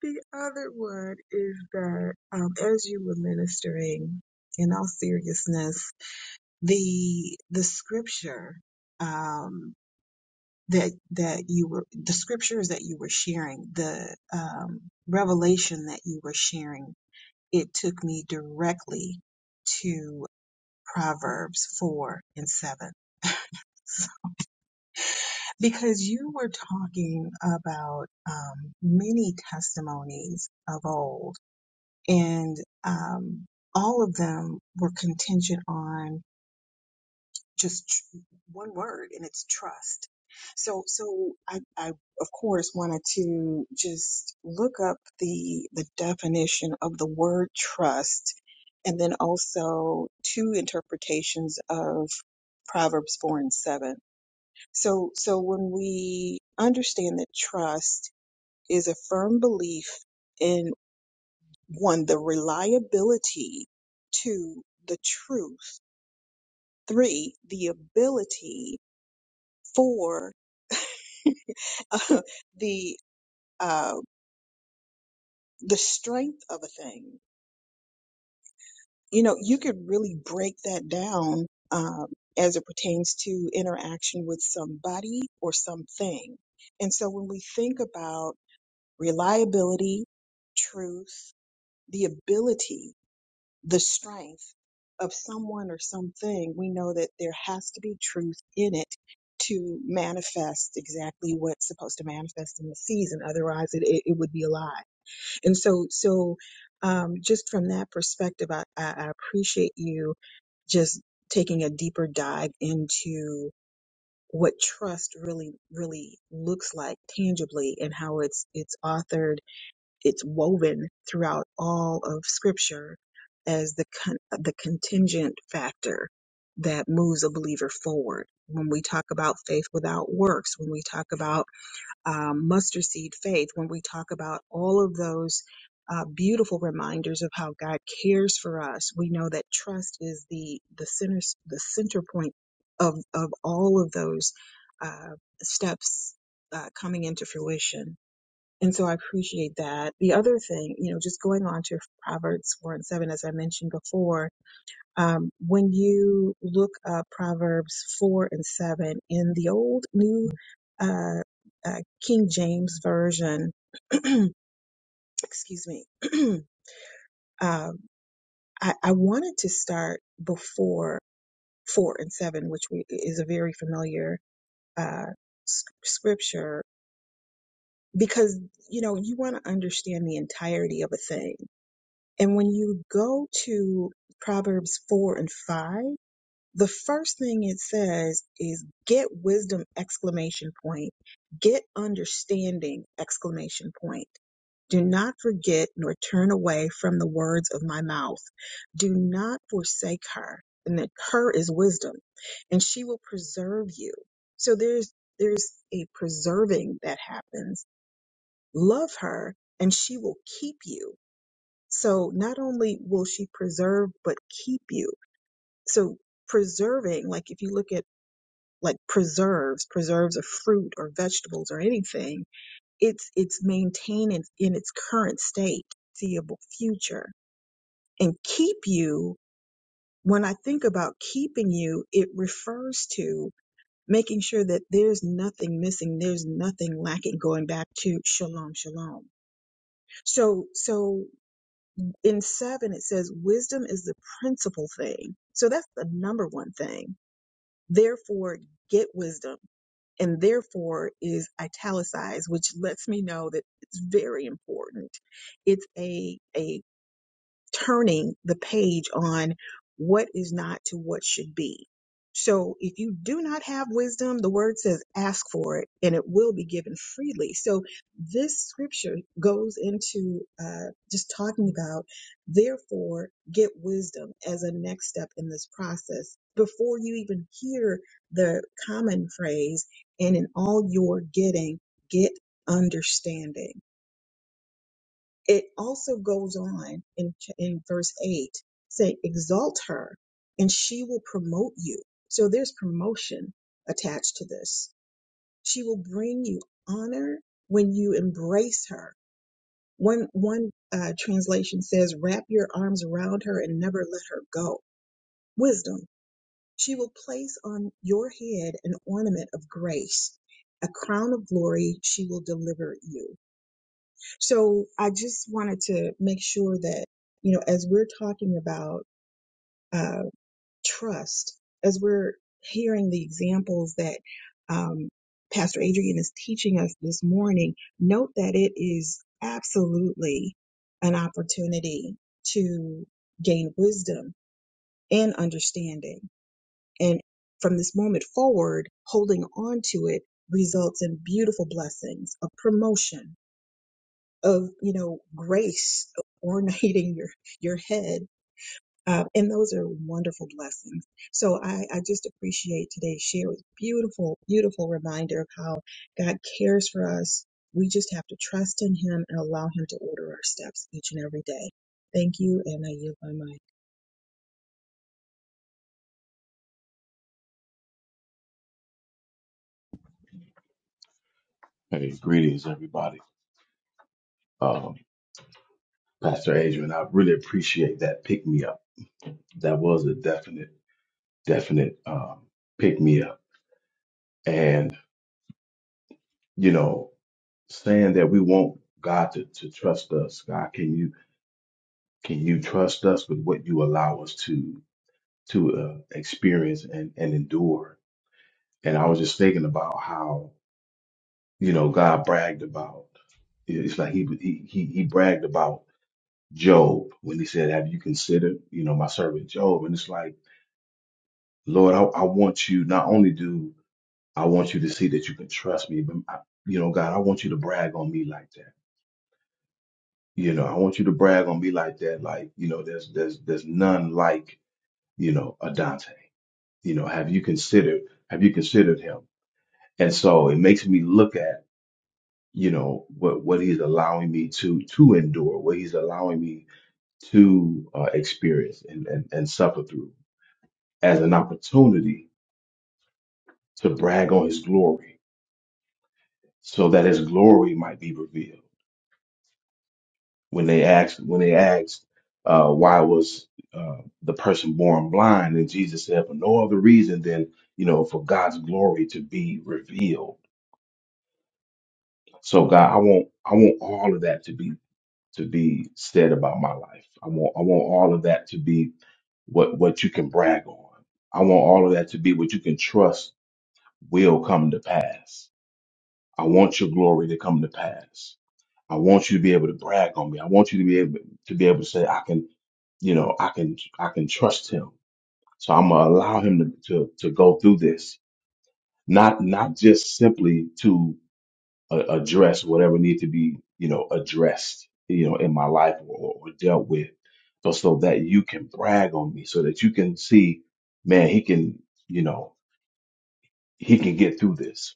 The other one is that um, as you were ministering, in all seriousness, the the scripture um, that that you were the scriptures that you were sharing, the um, revelation that you were sharing, it took me directly to Proverbs four and seven. because you were talking about um, many testimonies of old and um, all of them were contingent on just tr- one word and it's trust so so I, I of course wanted to just look up the the definition of the word trust and then also two interpretations of proverbs 4 and 7 so so when we understand that trust is a firm belief in one, the reliability to the truth, three, the ability, four, the uh, the strength of a thing. You know, you could really break that down um, as it pertains to interaction with somebody or something. And so when we think about reliability, truth, the ability. the strength of someone or something, we know that there has to be truth in it to manifest exactly what's supposed to manifest in the season. Otherwise, it, it, it would be a lie. And so, so um, just from that perspective, I, I, I appreciate you just taking a deeper dive into what trust really, really looks like tangibly and how it's, it's authored it's woven throughout all of scripture as the con- the contingent factor that moves a believer forward. When we talk about faith without works, when we talk about um, mustard seed faith, when we talk about all of those uh, beautiful reminders of how God cares for us, we know that trust is the the center the center point of of all of those uh, steps uh, coming into fruition. And so I appreciate that. The other thing, you know, just going on to Proverbs 4 and 7, as I mentioned before, um, when you look up Proverbs 4 and 7 in the old New uh, uh, King James Version, excuse me, um, I, I wanted to start before 4 and 7, which we, is a very familiar uh, s- scripture, because, you know, you want to understand the entirety of a thing And when you go to Proverbs 4 and 5, the first thing it says is get wisdom exclamation point, get understanding exclamation point. Do not forget nor turn away from the words of my mouth. Do not forsake her. And that her is wisdom and she will preserve you. So there's, there's a preserving that happens. Love her and she will keep you so not only will she preserve, but keep you. So preserving, like if you look at like preserves, preserves of fruit or vegetables or anything, it's it's maintained in, in its current state, seeable future. And keep you, when I think about keeping you, it refers to making sure that there's nothing missing, there's nothing lacking, going back to shalom, shalom. So so in seven, it says wisdom is the principal thing. So that's the number one thing. Therefore, get wisdom. And therefore is italicized, which lets me know that it's very important. It's a, a turning the page on what is not to what should be. So if you do not have wisdom, the word says ask for it and it will be given freely. So this scripture goes into uh, just talking about, therefore, get wisdom as a next step in this process. Before you even hear the common phrase, and in all your getting, get understanding it also goes on in, ch- in verse 8 say exalt her and she will promote you so there's promotion attached to this she will bring you honor when you embrace her one one uh, translation says wrap your arms around her and never let her go wisdom she will place on your head an ornament of grace a crown of glory she will deliver you so I just wanted to make sure that, you know, as we're talking about uh, trust, as we're hearing the examples that um, Pastor Adrian is teaching us this morning, note that it is absolutely an opportunity to gain wisdom and understanding. And from this moment forward, holding on to it results in beautiful blessings of promotion of you know grace ornating your your head uh, and those are wonderful blessings so I, I just appreciate today's share with beautiful beautiful reminder of how god cares for us we just have to trust in him and allow him to order our steps each and every day thank you and i yield my mic Hey, greetings, everybody. Um, Pastor Adrian, I really appreciate that pick me up. That was a definite, definite um, pick me up. And you know, saying that we want God to, to trust us. God, can you can you trust us with what you allow us to to uh, experience and and endure? And I was just thinking about how you know God bragged about. It's like he he he, he bragged about Job when he said, "Have you considered you know my servant Job?" And it's like Lord, I, I want you not only do I want you to see that you can trust me, but I, you know, God, I want you to brag on me like that. You know, I want you to brag on me like that. Like, you know, there's there's there's none like you know a Dante. You know, have you considered have you considered him? And so it makes me look at you know what what he's allowing me to to endure, what he's allowing me to uh, experience and, and and suffer through as an opportunity to brag on his glory so that his glory might be revealed. When they asked, when they asked, uh, why was uh, the person born blind? And Jesus said, for no other reason than you know, for God's glory to be revealed. So God, I want, I want all of that to be to be said about my life. I want, I want all of that to be what what you can brag on. I want all of that to be what you can trust will come to pass. I want your glory to come to pass. I want you to be able to brag on me. I want you to be able to be able to say, I can, you know, I can, I can trust him. So I'm gonna allow him to, to, to go through this, not, not just simply to uh, address whatever needs to be, you know, addressed, you know, in my life or, or dealt with, but so that you can brag on me so that you can see, man, he can, you know, he can get through this.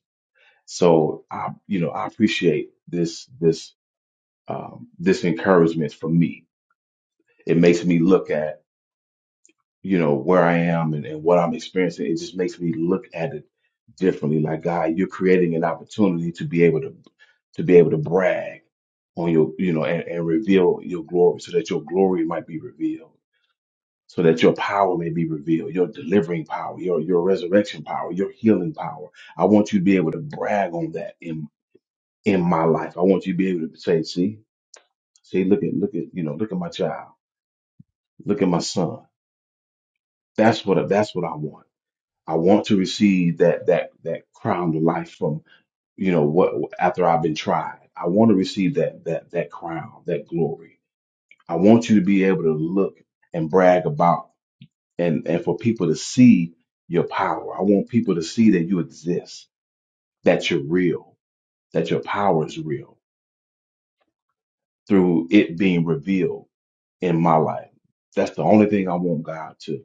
So I, you know, I appreciate this, this, um, this encouragement for me It makes me look at, you know, where I am and, and what I'm experiencing. It just makes me look at it differently. Like, God, you're creating an opportunity to be able to to be able to brag on your, you know, and, and reveal your glory so that your glory might be revealed, so that your power may be revealed, your delivering power, your your resurrection power, your healing power. I want you to be able to brag on that in in my life. I want you to be able to say, see, see, look at look at, you know, look at my child, look at my son. That's what that's what I want. I want to receive that that that crown of life from you know what after I've been tried. I want to receive that that that crown, that glory. I want you to be able to look and brag about and and for people to see your power. I want people to see that you exist, that you're real, that your power is real through it being revealed in my life. That's the only thing I want God to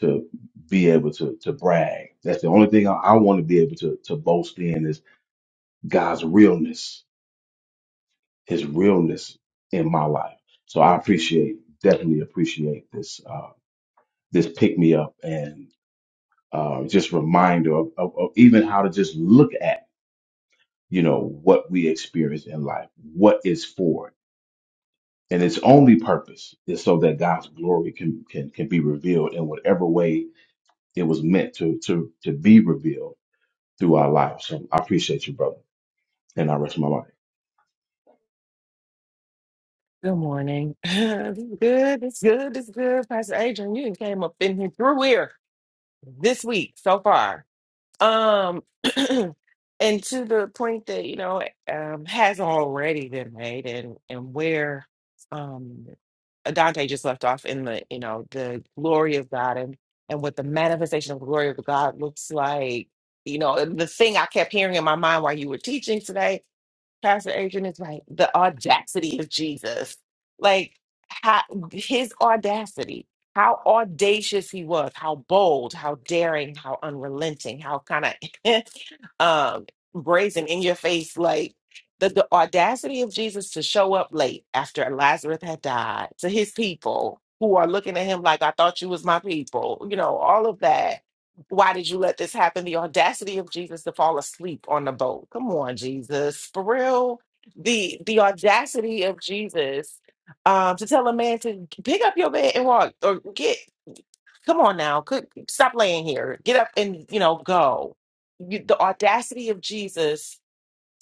to be able to to brag. That's the only thing I, I want to be able to to boast in is God's realness, His realness in my life. So I appreciate, definitely appreciate this uh, this pick me up and uh, just reminder of, of, of even how to just look at you know what we experience in life, what is for it, and its only purpose is so that God's glory can can can be revealed in whatever way it was meant to to to be revealed through our lives. So I appreciate you, brother, and I rest my life. Good morning. It's good. It's good. It's good. Pastor Adrian, you done came up in here through here this week so far. Um, and to the point that you know um, has already been made, and and where um Dante just left off in the you know the glory of God and and what the manifestation of the glory of God looks like. You know, the thing I kept hearing in my mind while you were teaching today Pastor Adrian is right. The audacity of Jesus. Like how, his audacity, how audacious he was, how bold, how daring, how unrelenting, how kind of um brazen in your face, like the, the audacity of Jesus to show up late after Lazarus had died to his people who are looking at him like I thought you was my people, you know, all of that why did you let this happen? The audacity of Jesus to fall asleep on the boat. Come on, Jesus. For real. The the audacity of Jesus um to tell a man to pick up your bed and walk or get come on now. Could stop laying here. Get up and you know go. You, the audacity of Jesus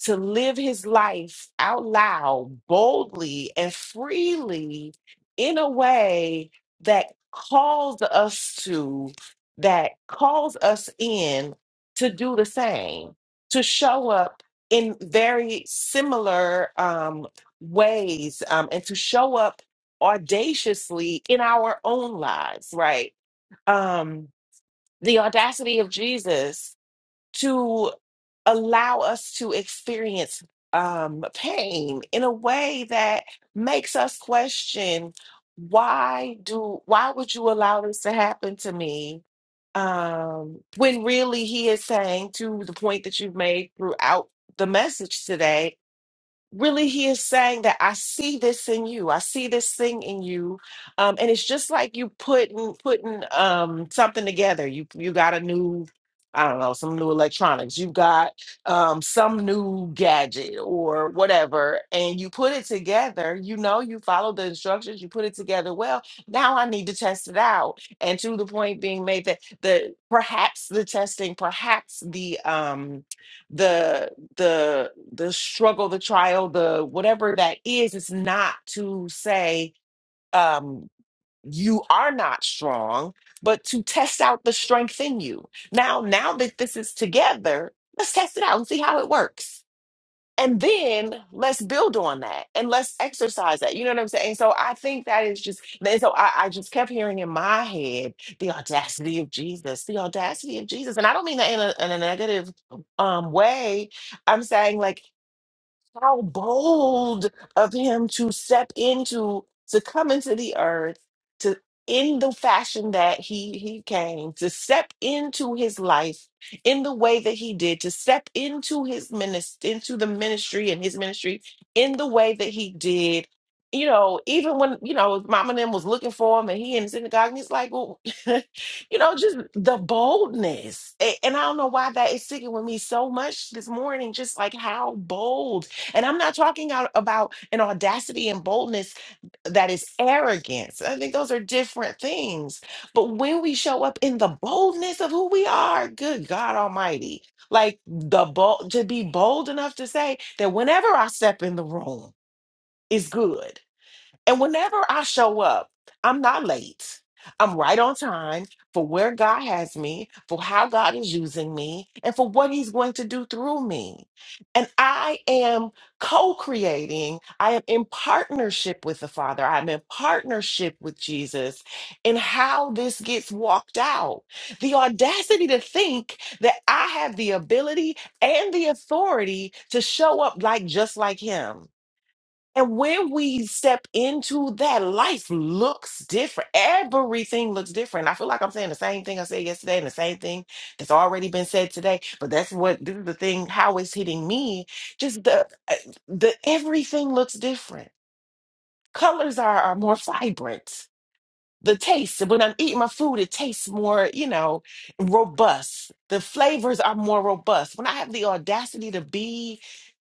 to live his life out loud, boldly, and freely in a way that calls us to, that calls us in to do the same, to show up in very similar um, ways um, and to show up audaciously in our own lives, right? Um, the audacity of Jesus allow us to experience um, pain in a way that makes us question why do why would you allow this to happen to me um, when really he is saying to the point that you've made throughout the message today really he is saying that i see this in you i see this thing in you um and it's just like you putting putting um something together you you got a new i don't know some new electronics you got um some new gadget or whatever and you put it together you know you follow the instructions you put it together well now i need to test it out and to the point being made that the perhaps the testing perhaps the um the the the struggle the trial the whatever that is it's not to say um you are not strong but to test out the strength in you now now that this is together let's test it out and see how it works and then let's build on that and let's exercise that. You know what I'm saying? So I think that is just, and so I, I just kept hearing in my head the audacity of Jesus, the audacity of Jesus. And I don't mean that in a, in a negative um, way. I'm saying, like, how bold of him to step into, to come into the earth, to in the fashion that he he came, to step into his life in the way that he did, to step into his ministry, into the ministry and his ministry in the way that he did. You know, even when you know his mom and them was looking for him, and he in the synagogue, and he's like, well, you know, just the boldness. A- And I don't know why that is sticking with me so much this morning. Just like how bold and I'm not talking out about an audacity and boldness that is arrogance. I think those are different things. But when we show up in the boldness of who we are, good God Almighty, like the bold to be bold enough to say that whenever I step in the room, it's good. And whenever I show up, I'm not late. I'm right on time for where God has me, for how God is using me, and for what He's going to do through me. And I am co creating, I am in partnership with the Father, I'm in partnership with Jesus in how this gets walked out. The audacity to think that I have the ability and the authority to show up like just like Him and when we step into that, life looks different. Everything looks different. I feel like I'm saying the same thing I said yesterday and the same thing that's already been said today. But that's what this is the thing, how it's hitting me. Just the uh, the everything looks different. Colors are, are more vibrant. The taste, when I'm eating my food, it tastes more, you know, robust. The flavors are more robust. When I have the audacity to be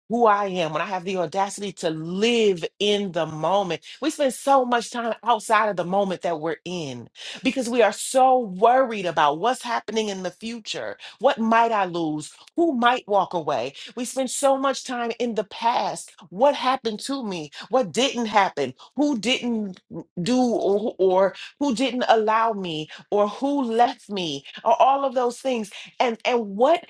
who I am, when I have the audacity to live in the moment. We spend so much time outside of the moment that we're in because we are so worried about what's happening in the future. What might I lose? Who might walk away? We spend so much time in the past. What happened to me? What didn't happen? Who didn't do or, or who didn't allow me or who left me or all of those things. And and what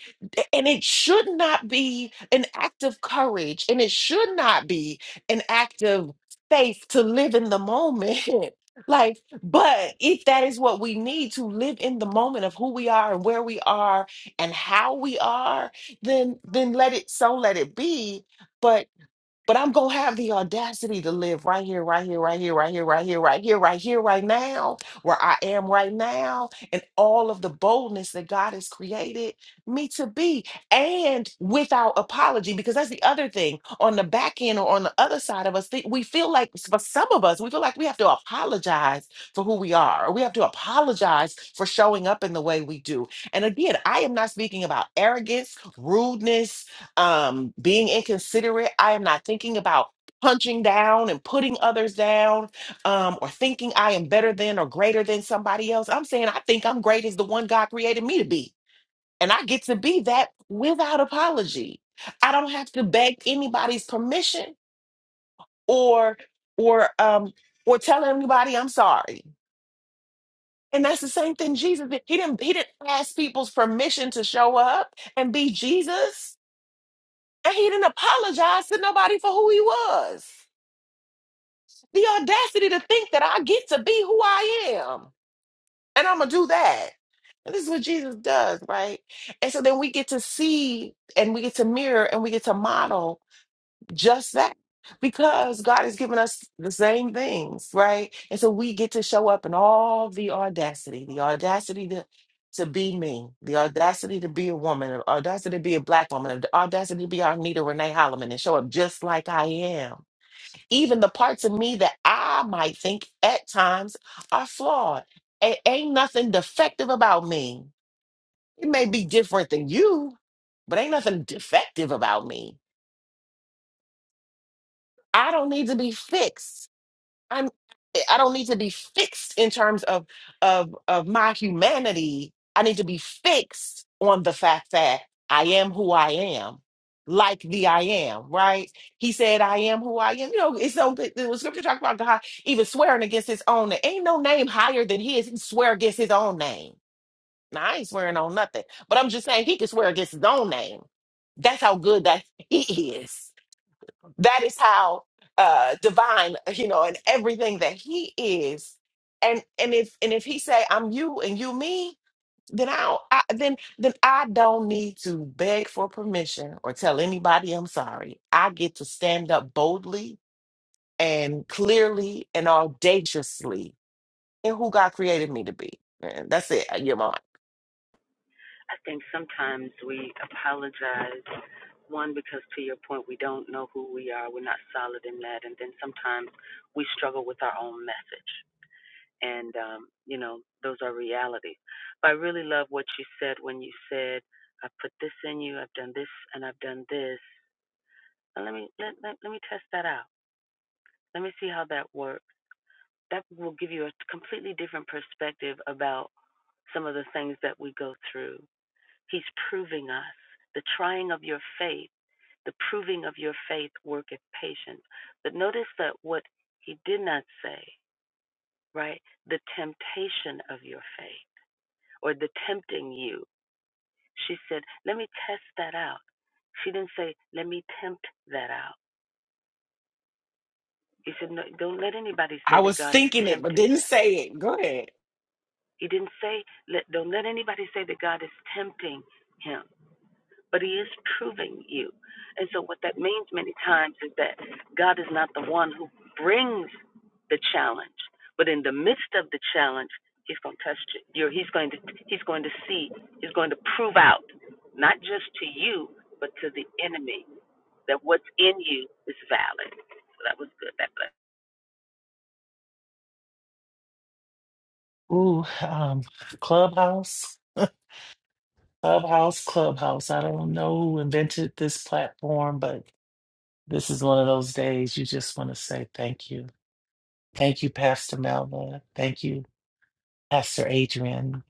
and it should not be an act of courage and it should not be an act of faith to live in the moment. like, but if that is what we need to live in the moment of who we are and where we are and how we are, then then let it so let it be. But I'm going to have the audacity to live right here, right here, right here, right here, right here, right here, right here, right now, where I am right now, and all of the boldness that God has created me to be, and without apology. Because that's the other thing on the back end or on the other side of us, thi- we feel like, for some of us, we feel like we have to apologize for who we are, or we have to apologize for showing up in the way we do. And again, I am not speaking about arrogance, rudeness, um, being inconsiderate. I am not thinking about punching down and putting others down um, or thinking I am better than or greater than somebody else. I'm saying I think I'm great as the one God created me to be. And I get to be that without apology. I don't have to beg anybody's permission or or um or tell anybody I'm sorry. And that's the same thing Jesus did. He didn't he didn't ask people's permission to show up and be Jesus. And he didn't apologize to nobody for who he was. The audacity to think that I get to be who I am. And I'm going to do that. And this is what Jesus does, right? And so then we get to see and we get to mirror and we get to model just that because God has given us the same things, right? And so we get to show up in all the audacity, the audacity to to be me, the audacity to be a woman, the audacity to be a black woman, the audacity to be Arnita Renee Holloman and show up just like I am. Even the parts of me that I might think at times are flawed. A- ain't nothing defective about me. It may be different than you, but ain't nothing defective about me. I don't need to be fixed. I'm eh, I don't need to be fixed in terms of of of my humanity. I need to be fixed on the fact that I am who I am, like the I am, right? He said, I am who I am. You know, it's so the the scripture talk about God even swearing against his own name. Ain't no name higher than his. He can swear against his own name. Now I ain't swearing on nothing, but I'm just saying he can swear against his own name. That's how good that he is that is how uh divine you know and everything that he is and and if and if he say i'm you and you me then i, don't, I then then i don't need to beg for permission or tell anybody i'm sorry i get to stand up boldly and clearly and audaciously in who god created me to be and that's it you know i was thinking it but didn't say it go ahead Ooh, um, Clubhouse, Clubhouse, Clubhouse. I don't know who invented this platform, but this is one of those days you just want to say thank you. Thank you, Pastor Melva. Thank you, Pastor Adrian.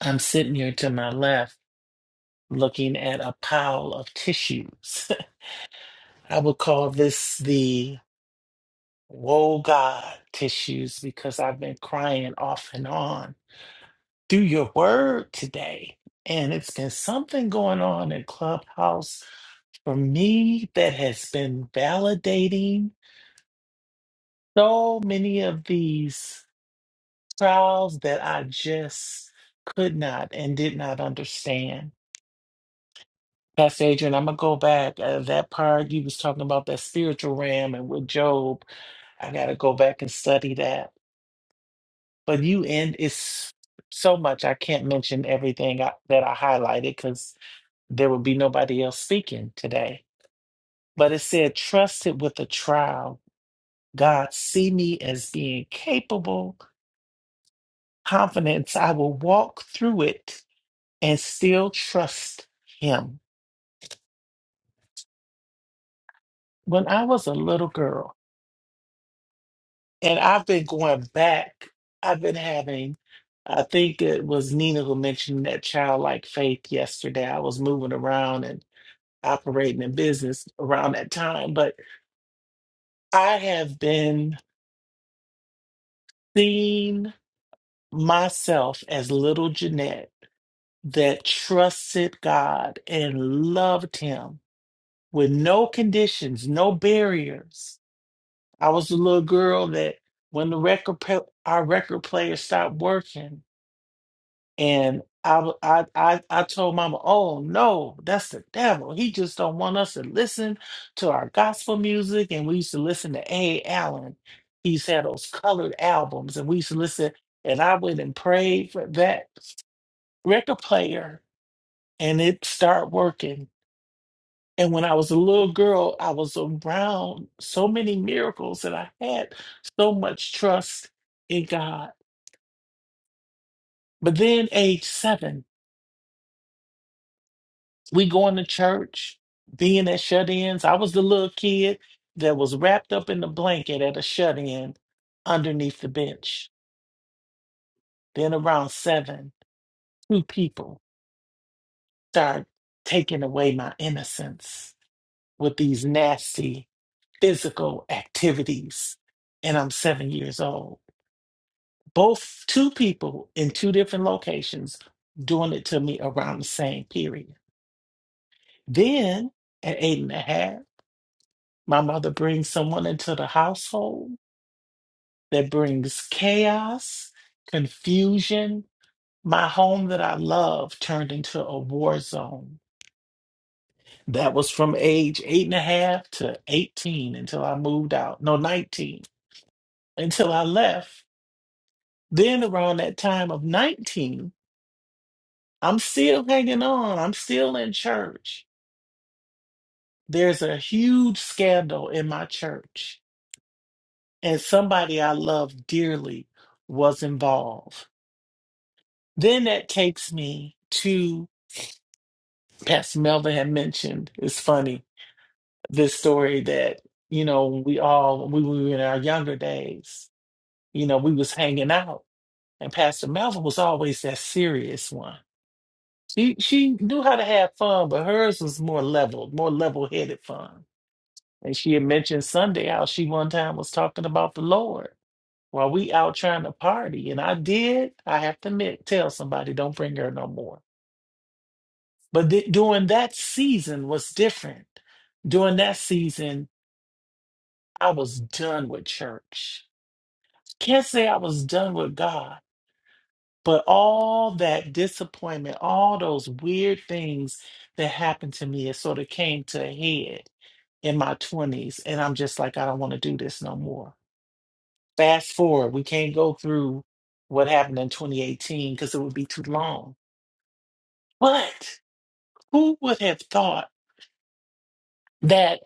I'm sitting here to my left looking at a pile of tissues. I would call this the Woe God tissues because I've been crying off and on through your word today. And it's been something going on in Clubhouse for me that has been validating so many of these trials that I just could not and did not understand. Pastor Adrian, I'm gonna go back. Uh, that part you was talking about that spiritual realm and with Job, I gotta go back and study that. But you end it's so much. I can't mention everything I, that I highlighted because. there would be nobody else speaking today. But it said, trusted with a trial. God, see me as being capable, confidence. I will walk through it and still trust Him. When I was a little girl, and I've been going back, I've been having, I think it was Nina who mentioned that childlike faith yesterday. I was moving around and operating in business around that time, but I have been seen. myself as little Jeanette that trusted God and loved Him with no conditions, no barriers. I was a little girl that when the record pla- our record player stopped working, and I, w- I I I told Mama, "Oh no, that's the devil. He just don't want us to listen to our gospel music." And we used to listen to A. Allen. He's had those colored albums, and we used to listen. And I went and prayed for that record player and it started working. And when I was a little girl, I was around so many miracles that I had so much trust in God. But then age seven, we going to church, being at shut-ins. I was the little kid that was wrapped up in the blanket at a shut-in underneath the bench. Then around seven, two people started taking away my innocence with these nasty physical activities and I'm seven years old. Both two people in two different locations doing it to me around the same period. Then at eight and a half, my mother brings someone into the household that brings chaos, confusion. My home that I love turned into a war zone. That was from age eight and a half to 18 until I moved out. No, 19 until I left Then around that time of 19, I'm still hanging on. I'm still in church. There's a huge scandal in my church, and somebody I love dearly was involved. Then that takes me to Pastor Melvin had mentioned. It's funny this story that you know we all when we were in our younger days. You know we was hanging out, and Pastor Melvin was always that serious one She she knew how to have fun, but hers was more leveled, more level-headed fun. And she had mentioned Sunday how she one time was talking about the Lord while we out trying to party. And I did, I have to admit, tell somebody don't bring her no more. But th- during that season was different. During that season, I was done with church. Can't say I was done with God, but all that disappointment, all those weird things that happened to me, it sort of came to a head in my 20s and I'm just like I don't want to do this no more. Fast forward, we can't go through what happened in 2018 because it would be too long. But who would have thought that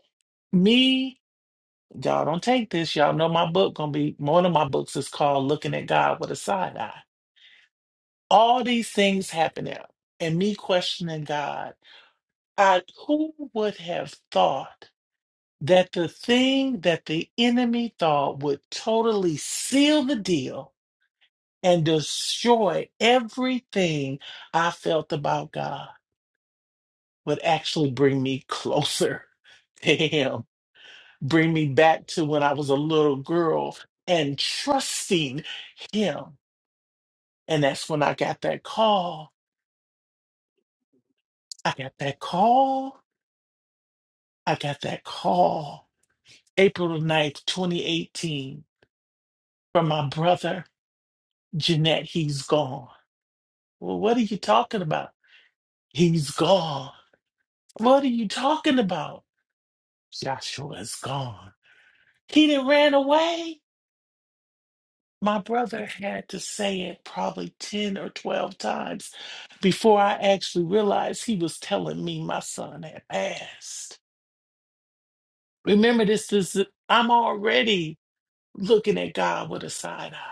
me y'all don't take this y'all know my book going to be one of my books is called Looking at God with a Side Eye. All these things happening and me questioning God. I who would have thought that the thing that the enemy thought would totally seal the deal and destroy everything I felt about God would actually bring me closer to Him, bring me back to when I was a little girl and trusting Him. And that's when I got that call. I got that call. I got that call. April the 9th, 2018, from my brother, Jeanette. He's gone. Well, what are you talking about? He's gone. What are you talking about? Joshua's gone. He didn't ran away. My brother had to say it probably 10 or 12 times before I actually realized he was telling me my son had passed. Remember this, is I'm already looking at God with a side eye.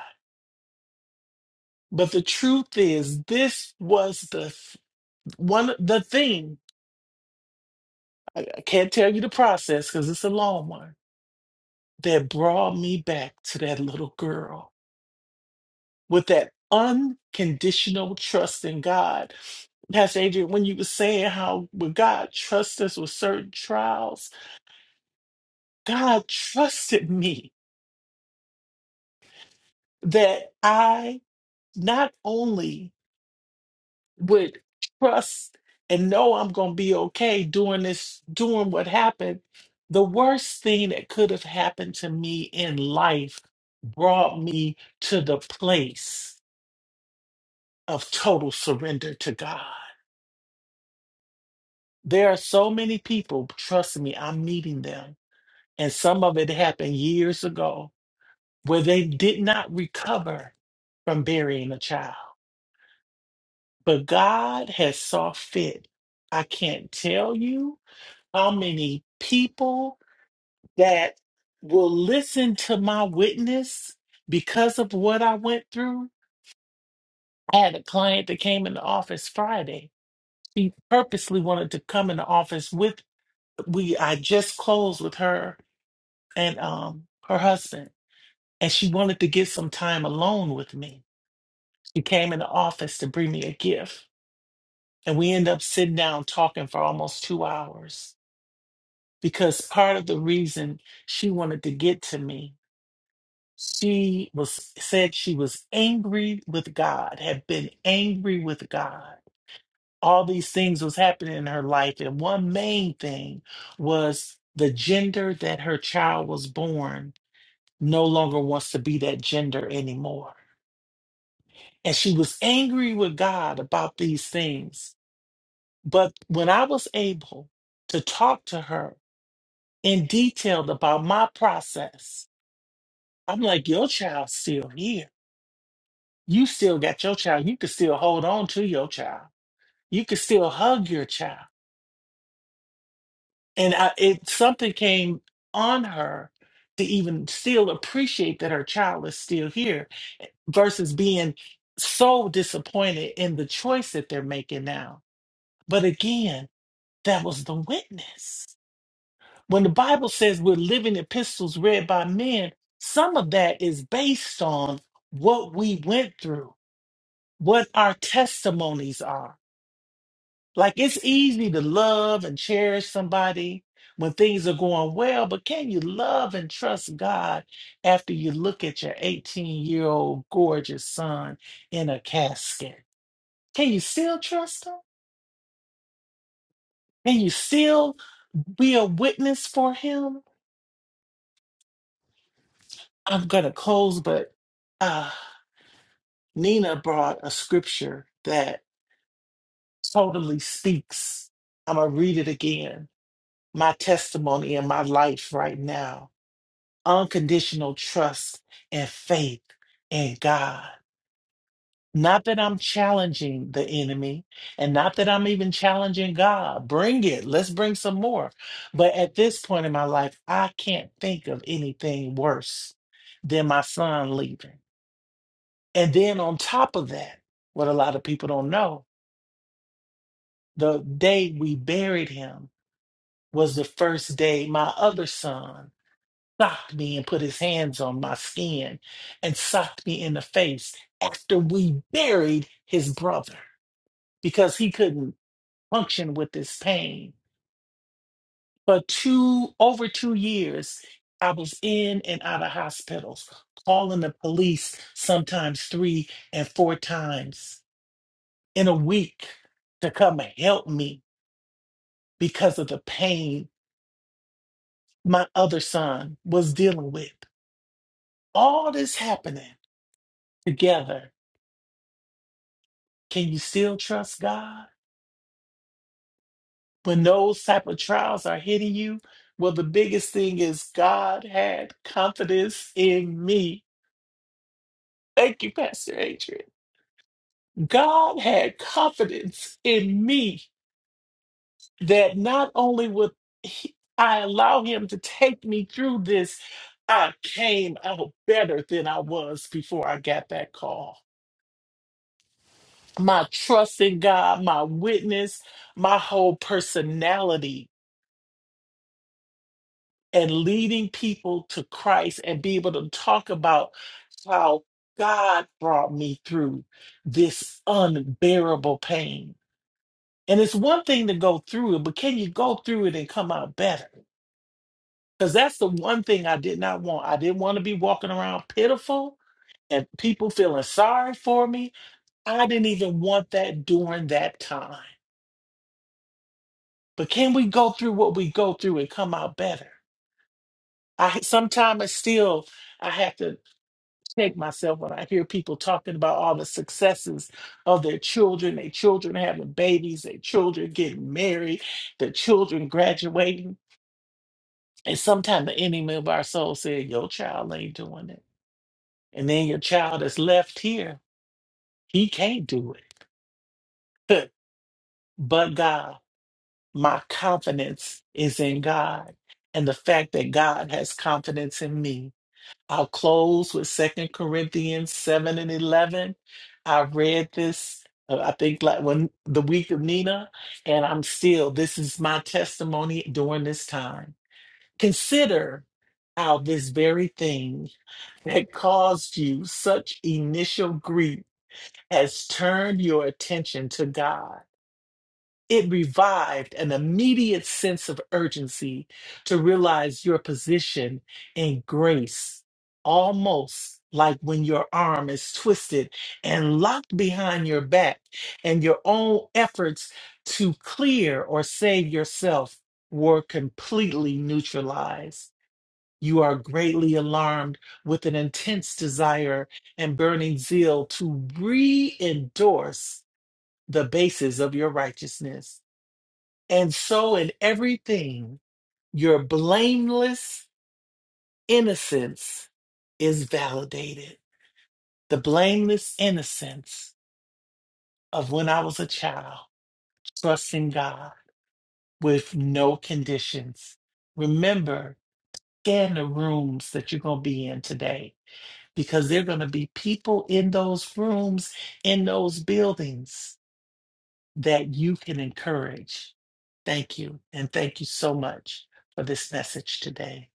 But the truth is this was the f- one the thing I I can't tell you the process because it's a long one that brought me back to that little girl with that unconditional trust in God. Pastor Adrian, when you were saying how would God trust us with certain trials, God trusted me that I not only would trust and know I'm going to be okay doing this, doing what happened, the worst thing that could have happened to me in life brought me to the place of total surrender to God. There are so many people, trust me, I'm meeting them. And some of it happened years ago where they did not recover from burying a child. But God has saw fit. I can't tell you how many people that will listen to my witness because of what I went through. I had a client that came in the office Friday. She purposely wanted to come in the office with we I just closed with her and um her husband and she wanted to get some time alone with me she came in the office to bring me a gift and we ended up sitting down talking for almost two hours because part of the reason she wanted to get to me she was said she was angry with god had been angry with god all these things was happening in her life and one main thing was the gender that her child was born no longer wants to be that gender anymore And she was angry with God about these things. But when I was able to talk to her in detail about my process, I'm like, your child's still here. You still got your child. You can still hold on to your child. You can still hug your child. And I, it something came on her to even still appreciate that her child is still here versus being so disappointed in the choice that they're making now. But again, that was the witness. When the Bible says we're living epistles read by men, some of that is based on what we went through, what our testimonies are. Like it's easy to love and cherish somebody when things are going well, but can you love and trust God after you look at your 18 year old gorgeous son in a casket? Can you still trust him? Can you still be a witness for him? I'm gonna close, but uh, Nina brought a scripture that totally speaks. I'm gonna read it again. My testimony in my life right now unconditional trust and faith in God. Not that I'm challenging the enemy and not that I'm even challenging God. Bring it. Let's bring some more. But at this point in my life, I can't think of anything worse than my son leaving. And then on top of that, what a lot of people don't know, the day we buried him was the first day my other son socked me and put his hands on my skin and socked me in the face after we buried his brother because he couldn't function with this pain. For two over two years, I was in and out of hospitals, calling the police sometimes three and four times in a week to come and help me because of the pain my other son was dealing with. All this happening together. Can you still trust God when those type of trials are hitting you? Well, the biggest thing is God had confidence in me. Thank you, Pastor Adrian. God had confidence in me that not only would he, I allow him to take me through this, I came out better than I was before I got that call. My trust in God, my witness, my whole personality, and leading people to Christ and be able to talk about how God brought me through this unbearable pain. And it's one thing to go through it, but can you go through it and come out better? Because that's the one thing I did not want. I didn't want to be walking around pitiful and people feeling sorry for me. I didn't even want that during that time. But can we go through what we go through and come out better? I sometimes it's still I have to check myself when I hear people talking about all the successes of their children, their children having babies, their children getting married, their children graduating. And sometimes the enemy of our soul said, Your child ain't doing it And then your child is left here. He can't do it. but God, my confidence is in God. And the fact that God has confidence in me. I'll close with Second Corinthians 7 and 11. I read this, uh, I think, like when the week of Nina, and I'm still, this is my testimony during this time. Consider how this very thing that caused you such initial grief has turned your attention to God. It revived an immediate sense of urgency to realize your position in grace, almost like when your arm is twisted and locked behind your back, and your own efforts to clear or save yourself were completely neutralized. You are greatly alarmed with an intense desire and burning zeal to re endorse the basis of your righteousness. And so in everything, your blameless innocence is validated. The blameless innocence of when I was a child, trusting God with no conditions. Remember, scan the rooms that you're going to be in today because there are going to be people in those rooms, in those buildings that you can encourage. Thank you. And thank you so much for this message today.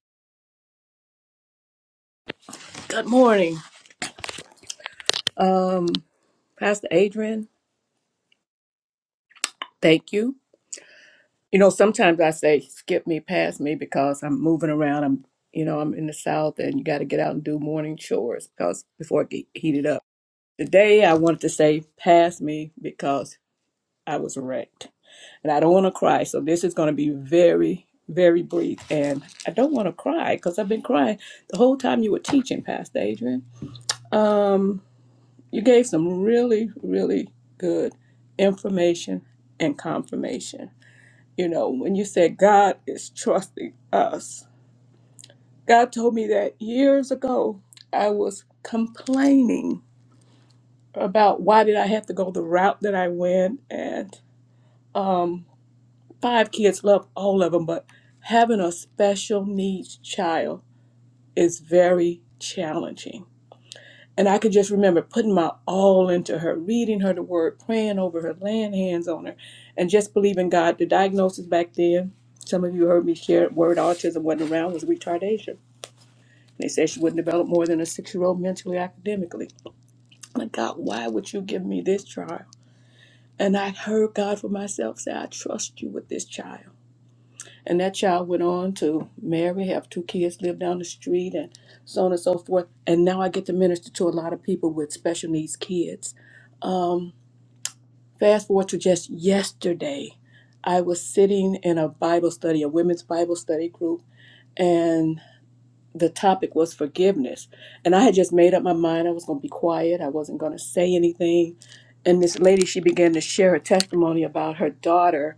Good morning. Um, Pastor Adrian, thank you. You know, sometimes I say skip me, pass me because I'm moving around. I'm, you know, I'm in the South and you got to get out and do morning chores because before it get heated up. Today I wanted to say pass me because I was wrecked and I don't want to cry. So this is going to be very, very brief. And I don't want to cry because I've been crying the whole time you were teaching, Pastor Adrian. Um, You gave some really, really good information and confirmation. You know, when you said God is trusting us, God told me that years ago I was complaining about why did I have to go the route that I went and um five kids love all of them but having a special needs child is very challenging And I could just remember putting my all into her, reading her the word, praying over her, laying hands on her, and just believing God. The diagnosis back then, some of you heard me share word autism wasn't around, was retardation. They said she wouldn't develop more than a six year old mentally, academically. I'm like, God, why would you give me this child? And I heard God for myself say, I trust you with this child. And that child went on to marry, have two kids, live down the street, and so on and so forth. And now I get to minister to a lot of people with special needs kids. Um, fast forward to just yesterday, I was sitting in a Bible study, a women's Bible study group, and the topic was forgiveness. And I had just made up my mind I was going to be quiet, I wasn't going to say anything. And this lady, she began to share her testimony about her daughter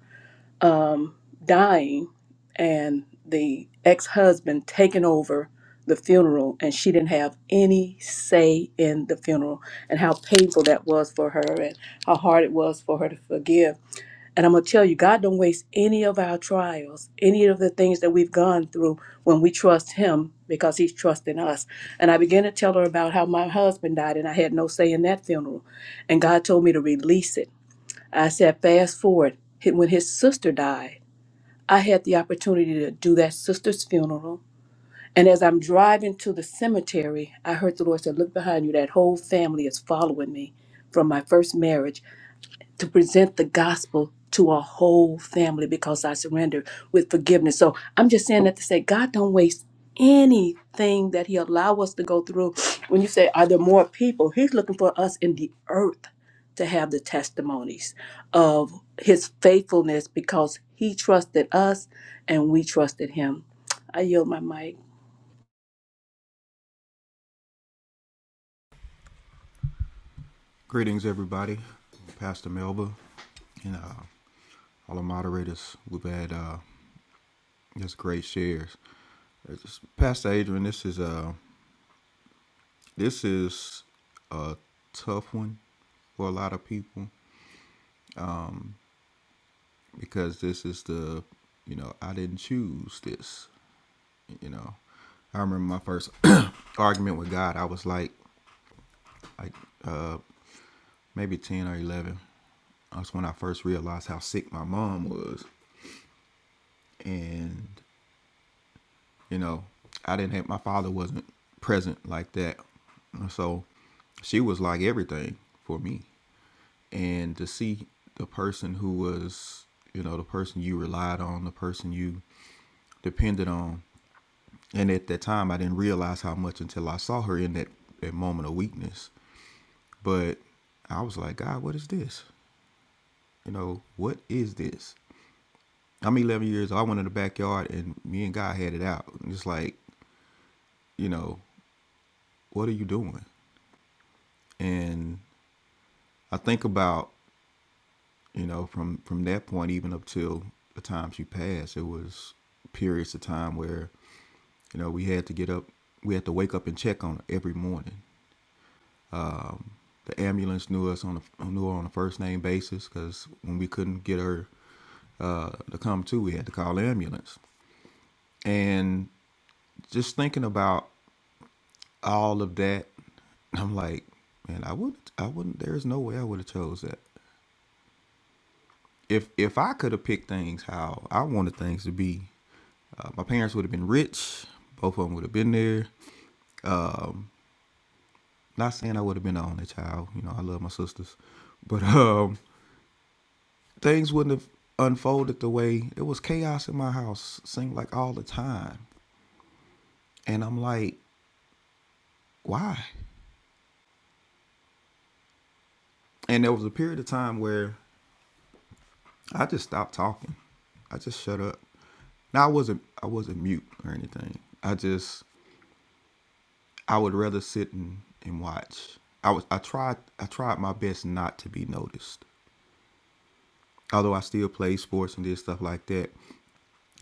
um, dying and the ex husband taking over the funeral, and she didn't have any say in the funeral, and how painful that was for her, and how hard it was for her to forgive. And I'm gonna tell you, God don't waste any of our trials, any of the things that we've gone through when we trust Him because He's trusting us. And I began to tell her about how my husband died, and I had no say in that funeral, and God told me to release it. I said, fast forward. When his sister died. I had the opportunity to do that sister's funeral. And as I'm driving to the cemetery, I heard the Lord say, Look behind you. That whole family is following me from my first marriage to present the gospel to a whole family because I surrendered with forgiveness. So I'm just saying that to say God don't waste anything that He allow us to go through. When you say, are there more people? He's looking for us in the earth to have the testimonies of His faithfulness because He trusted us and we trusted Him. I yield my mic. Greetings, everybody. Pastor Melba and uh, all the moderators. We've had uh, just great shares. It's Pastor Adrian, this is a this is a tough one for a lot of people because this is the you know I didn't choose this. You know, I remember my first argument with God. I was like like uh, maybe ten or eleven. That's when I first realized how sick my mom was, and You know, I didn't have my father wasn't present like that. So she was like everything for me. And to see the person who was, you know, the person you relied on, the person you depended on. And at that time, I didn't realize how much until I saw her in that, that moment of weakness. But I was like, God, what is this? You know, what is this? I'm 11 years old. I went in the backyard and me and God had it out. And It's like, you know, what are you doing? And I think about you know from from that point even up till the time she passed, it was periods of time where you know we had to get up, we had to wake up and check on her every morning. The ambulance knew us on a, knew her on a first name basis because when we couldn't get her uh, to come to, we had to call the ambulance. And just thinking about all of that, I'm like, man, I wouldn't, I wouldn't. There's no way I would have chose that. if if I could have picked things how I wanted things to be, uh, my parents would have been rich. Both of them would have been there. Not saying I would have been the only child. You know, I love my sisters, but um, things wouldn't have unfolded the way it was. Chaos in my house seemed like all the time, and I'm like, why? And there was a period of time where I just stopped talking. I just shut up. Now I wasn't I wasn't mute or anything. I just I would rather sit and, and watch. I was I tried I tried my best not to be noticed. Although I still played sports and did stuff like that.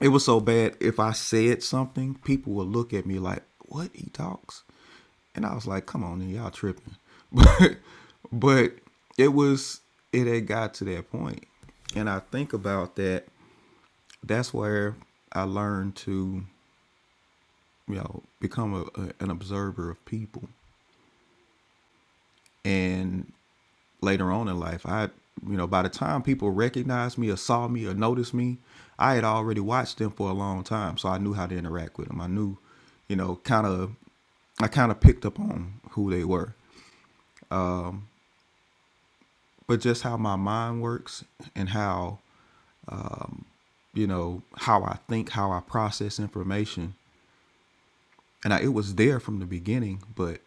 It was so bad if I said something, people would look at me like, What he talks? And I was like, Come on, then, y'all tripping. But but it was it had got to that point. And I think about that, that's where I learned to, you know, become a, a, an observer of people and later on in life i you know by the time people recognized me or saw me or noticed me i had already watched them for a long time so i knew how to interact with them i knew you know kind of i kind of picked up on who they were but just how my mind works and how you know how i think how i process information and I, it was there from the beginning but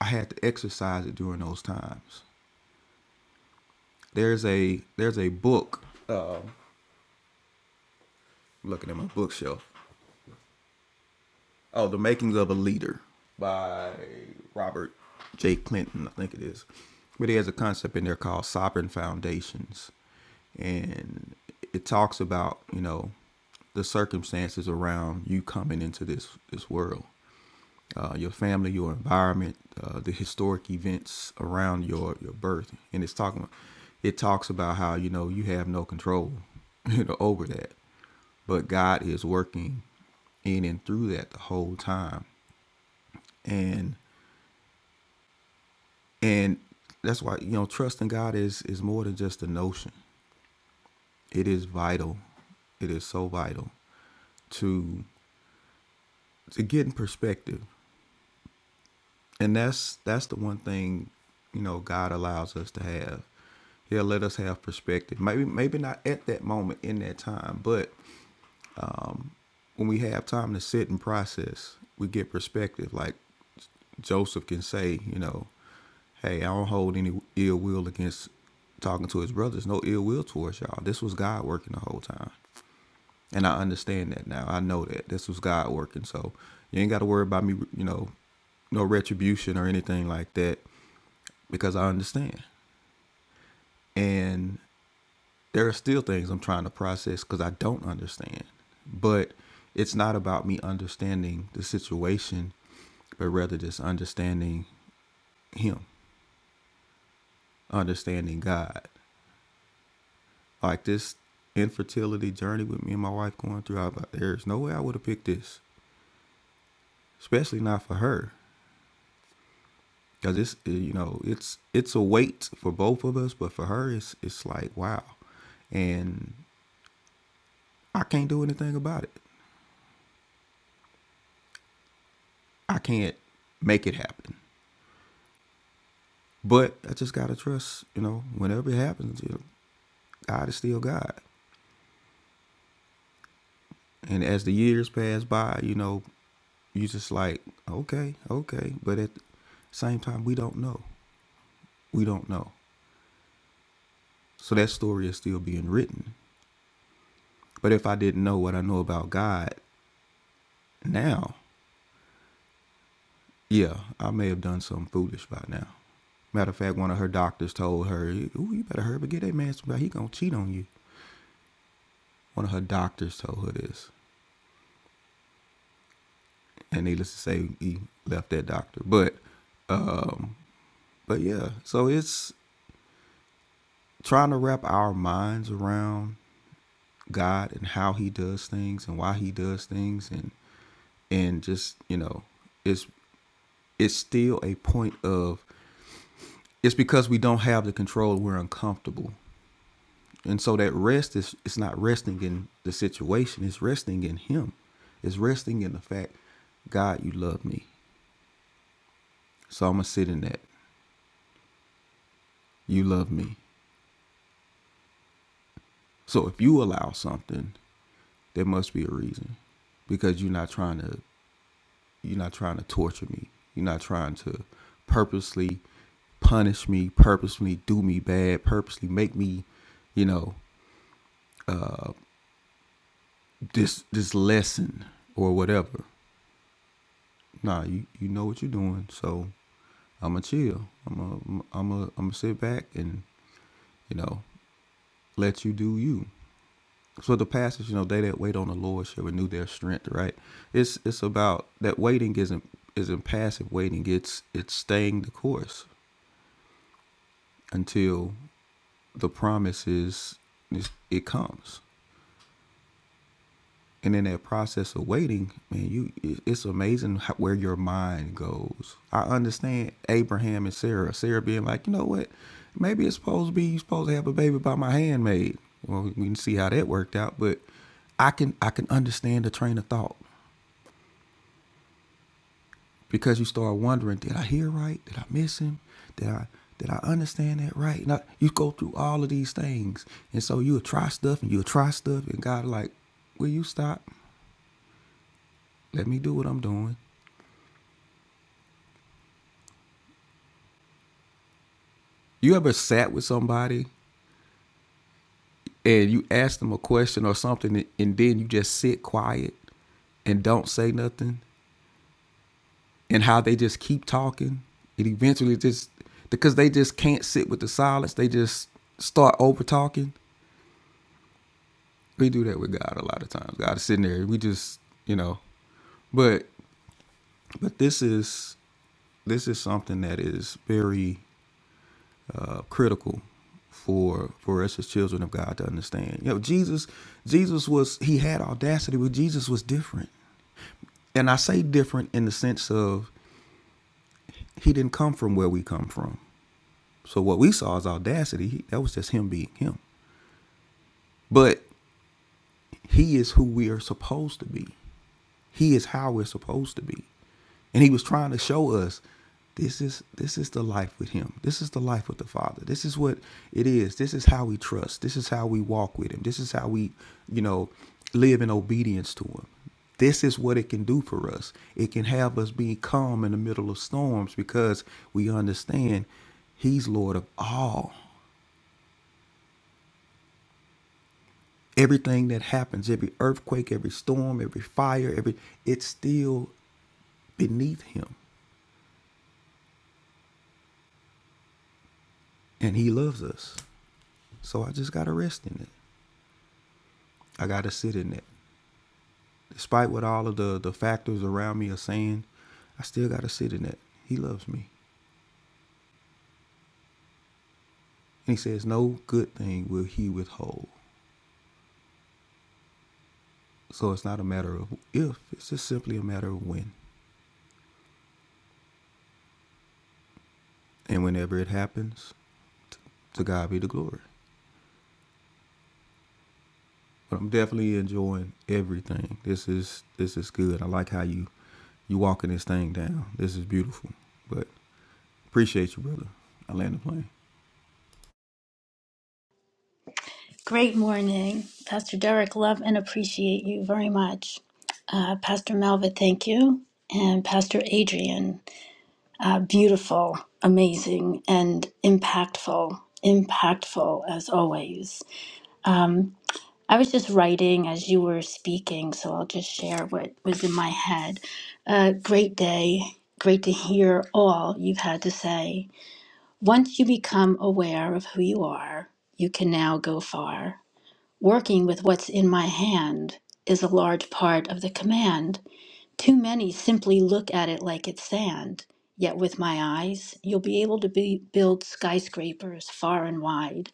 i had to exercise it during those times there's a there's a book uh, looking at my bookshelf Oh, The Makings of a Leader by Robert J. Clinton, I think it is. But he has a concept in there called sovereign foundations. And it talks about, you know, the circumstances around you coming into this, this world. Uh, your family, your environment, uh, the historic events around your, your birth. And it's talking it talks about how, you know, you have no control, you know, over that. But God is working in and through that the whole time and and that's why you know trusting god is is more than just a notion it is vital it is so vital to to get in perspective and that's that's the one thing you know god allows us to have he'll let us have perspective maybe maybe not at that moment in that time but when we have time to sit and process, we get perspective. Like Joseph can say, you know, hey, I don't hold any ill will against talking to his brothers. No ill will towards y'all. This was God working the whole time. And I understand that now. I know that this was God working. So you ain't got to worry about me, you know, no retribution or anything like that because I understand. And there are still things I'm trying to process because I don't understand. But it's not about me understanding the situation, but rather just understanding Him, understanding God. Like this infertility journey with me and my wife going through, I was like, there's no way I would have picked this, especially not for her. Cause it's uh, you know it's it's a weight for both of us, but for her it's it's like wow, and I can't do anything about it. I can't make it happen. But I just gotta trust, you know, whenever it happens, you know, God is still God. And as the years pass by, you know, you just like, okay, okay. But at the same time, we don't know. We don't know. So that story is still being written. But if I didn't know what I know about God now, yeah, I may have done something foolish by now. Matter of fact, one of her doctors told her, Ooh, you better hurry up and get that man somebody. He gonna cheat on you. One of her doctors told her this. and needless to say, he left that doctor. But, um, but yeah, so it's trying to wrap our minds around God and how He does things and why He does things, and and just you know, it's it's still a point of it's because we don't have the control, we're uncomfortable, and so that rest is it's not resting in the situation, it's resting in Him, it's resting in the fact, God, you love me, so I'm gonna sit in that. You love me. So if you allow something, there must be a reason, because you're not trying to you're not trying to torture me. You're not trying to purposely punish me, purposely do me bad, purposely make me, you know, this this lesson or whatever. Nah, you you know what you're doing, so I'ma chill. I'ma I'ma I'ma sit back and you know let you do you. So the passage, you know, they that wait on the Lord shall renew their strength, right? It's it's about that waiting isn't isn't passive waiting. It's it's staying the course until the promise is, is it comes. And in that process of waiting, man, you it- it's amazing how, where your mind goes. I understand Abraham and Sarah. Sarah being like, you know what? Maybe it's supposed to be you supposed to have a baby by my handmaid. Well, we can see how that worked out, but I can I can understand the train of thought because you start wondering, did I hear right? Did I miss him? Did I did I understand that right? And I, you go through all of these things, and so you'll try stuff and you'll try stuff, and God like, will you stop? Let me do what I'm doing. You ever sat with somebody and you ask them a question or something, and then you just sit quiet and don't say nothing, and how they just keep talking, and eventually just because they just can't sit with the silence, they just start over talking We do that with God a lot of times. God is sitting there. We just, you know, but but this is this is something that is very uh, critical for for us as children of God to understand. You know, Jesus Jesus was he had audacity, but Jesus was different. And I say different in the sense of he didn't come from where we come from. So what we saw is audacity. He, that was just him being him. But he is who we are supposed to be. He is how we're supposed to be. And he was trying to show us this is this is the life with him. This is the life with the Father. This is what it is. This is how we trust. This is how we walk with him. This is how we, you know, live in obedience to him. This is what it can do for us. It can have us be calm in the middle of storms because we understand he's Lord of all. Everything that happens, every earthquake, every storm, every fire, every it's still beneath him. and he loves us. So I just gotta rest in it. I gotta sit in it. Despite what all of the the factors around me are saying, I still gotta sit in it. He loves me. And he says, No good thing will he withhold. So it's not a matter of if, it's just simply a matter of when. And whenever it happens, to God be the glory. But I'm definitely enjoying everything. This is this is good. I like how you you walking this thing down. This is beautiful. But appreciate you, brother. I land the plane. Great morning, Pastor Derek. Love and appreciate you very much. Uh, Pastor Melva, thank you. And Pastor Adrian, uh, beautiful, amazing, and impactful, impactful as always. I was just writing as you were speaking, so I'll just share what was in my head. Uh, great day. Great to hear all you've had to say. Once you become aware of who you are, you can now go far. Working with what's in my hand is a large part of the command. Too many simply look at it like it's sand. Yet with my eyes, you'll be able to be, build skyscrapers far and wide.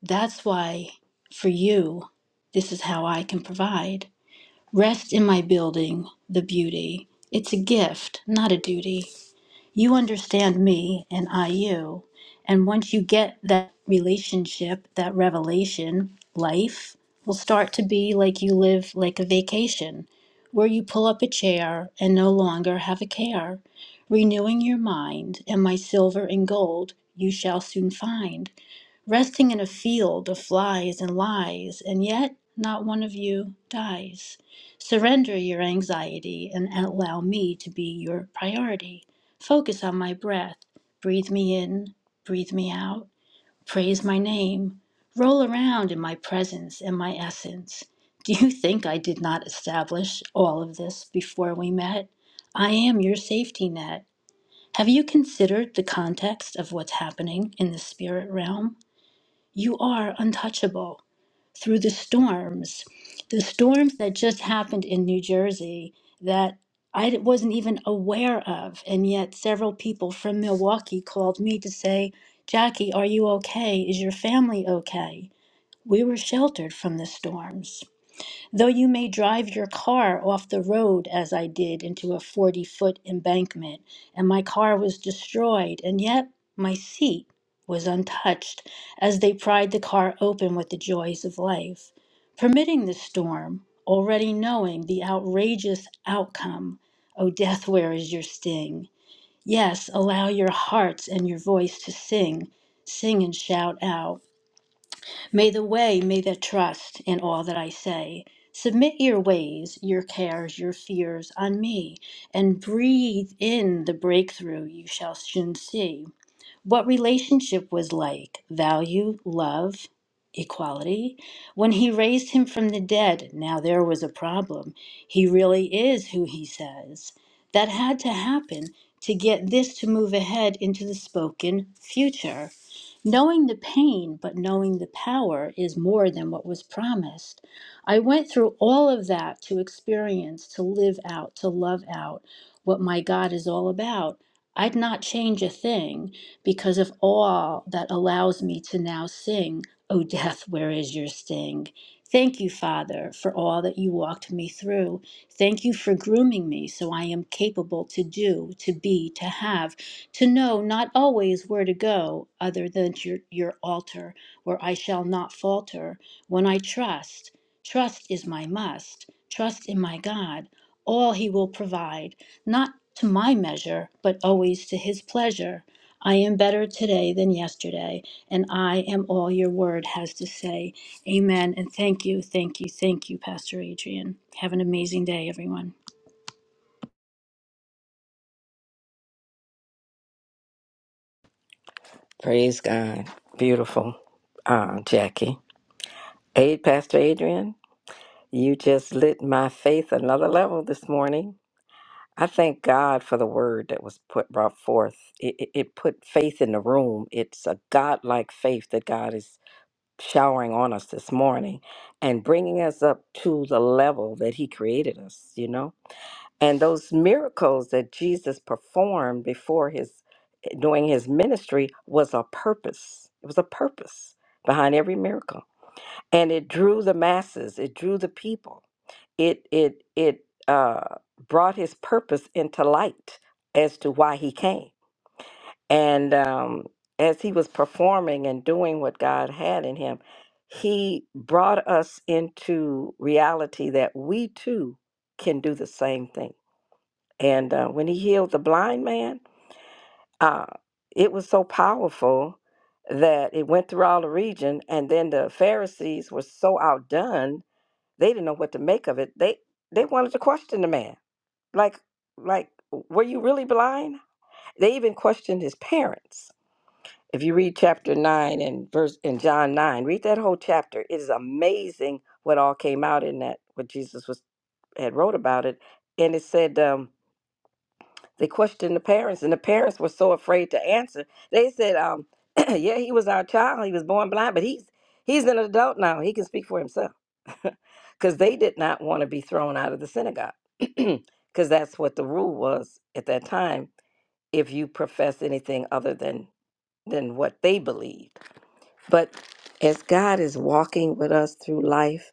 That's why, for you, this is how I can provide. Rest in my building, the beauty. It's a gift, not a duty you understand me and I you. And once you get that relationship, that revelation, life will start to be like you live like a vacation, where you pull up a chair and no longer have a care, renewing your mind, and my silver and gold you shall soon find resting in a field of flies and lies, and yet not one of you dies. Surrender your anxiety and allow me to be your priority. Focus on my breath. Breathe me in, breathe me out. Praise my name. Roll around in my presence and my essence. Do you think I did not establish all of this before we met? I am your safety net. Have you considered the context of what's happening in the spirit realm? you are untouchable through the storms. The storms that just happened in New Jersey that I d- wasn't even aware of. And yet, several people from Milwaukee called me to say, Jackie, are you okay? Is your family okay? We were sheltered from the storms. Though you may drive your car off the road, as I did, into a 40 foot embankment, and my car was destroyed, and yet my seat was untouched as they pried the car open with the joys of life, permitting the storm, already knowing the outrageous outcome. O death, where is your sting? Yes, allow your hearts and your voice to sing, sing and shout out. May the way, may the trust in all that I say. Submit your ways, your cares, your fears on me, and breathe in the breakthrough you shall soon see what relationship was like value, love, equality. When he raised him from the dead, now there was a problem. He really is who he says. That had to happen to get this to move ahead into the spoken future. Knowing the pain, but knowing the power is more than what was promised. I went through all of that to experience, to live out, to love out what my God is all about. I'd not change a thing because of all that allows me to now sing, O death, where is your sting? Thank you, Father, for all that you walked me through. Thank you for grooming me so I am capable to do, to be, to have, to know not always where to go other than to your, your altar, where I shall not falter. When I trust, trust is my must, trust in my God, all he will provide, not to my measure, but always to his pleasure. I am better today than yesterday, and I am all your word has to say. Amen. And thank you, thank you, thank you, Pastor Adrian. Have an amazing day, everyone. Praise God. Beautiful, uh, Jackie. Aid, Pastor Adrian, you just lit my faith another level this morning. I thank God for the word that was put brought forth. It, it, it put faith in the room. It's a God-like faith that God is showering on us this morning and bringing us up to the level that He created us, you know? and those miracles that Jesus performed before his doing his ministry was a purpose. It was a purpose behind every miracle, and it drew the masses. It drew the people. It it it uh, brought his purpose into light as to why he came. And um, as he was performing and doing what God had in him, he brought us into reality that we too can do the same thing and uh, when he healed the blind man, uh, it was so powerful that it went through all the region. And then the Pharisees were so outdone; they didn't know what to make of it. They they wanted to question the man, like like were you really blind? They even questioned his parents. If you read chapter nine and verse in John nine, read that whole chapter. It is amazing what all came out in that what Jesus was had wrote about it, and it said. Um, They questioned the parents, and the parents were so afraid to answer. They said, um, "Yeah, he was our child. He was born blind, but he's he's an adult now. He can speak for himself." Because they did not want to be thrown out of the synagogue, because that's what the rule was at that time. If you profess anything other than than what they believed, but as God is walking with us through life,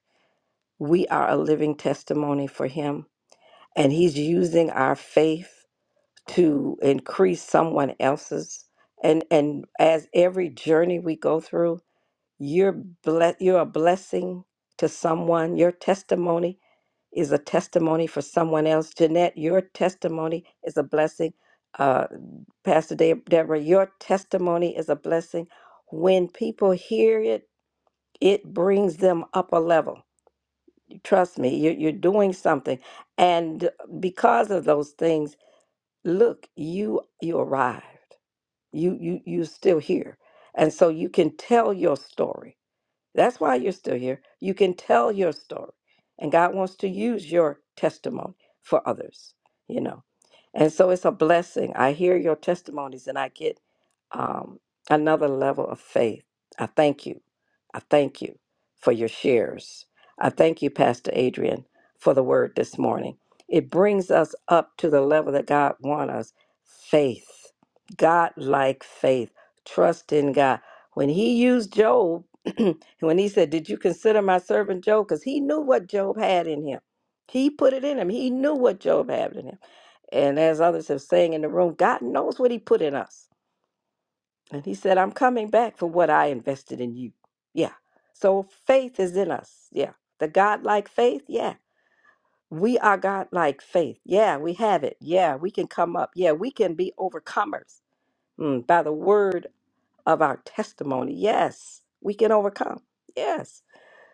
we are a living testimony for Him, and He's using our faith to increase someone else's and and as every journey we go through you're ble- you're a blessing to someone your testimony is a testimony for someone else jeanette your testimony is a blessing uh, pastor De- deborah your testimony is a blessing when people hear it it brings them up a level trust me you're, you're doing something and because of those things look you you arrived you you you're still here and so you can tell your story that's why you're still here. You can tell your story, and God wants to use your testimony for others, you know. And so it's a blessing. I hear your testimonies and I get um, another level of faith. I thank you. I thank you for your shares. I thank you, Pastor Adrian, for the word this morning. It brings us up to the level that God wants us faith, God like faith, trust in God. When he used Job, when he said, Did you consider my servant Job? Because he knew what Job had in him. He put it in him. He knew what Job had in him. And as others have saying in the room, God knows what he put in us. And he said, I'm coming back for what I invested in you. Yeah. So faith is in us. Yeah. The God-like faith. Yeah. We are God-like faith. Yeah. We have it. Yeah. We can come up. Yeah. We can be overcomers mm, by the word of our testimony. Yes. We can overcome. Yes.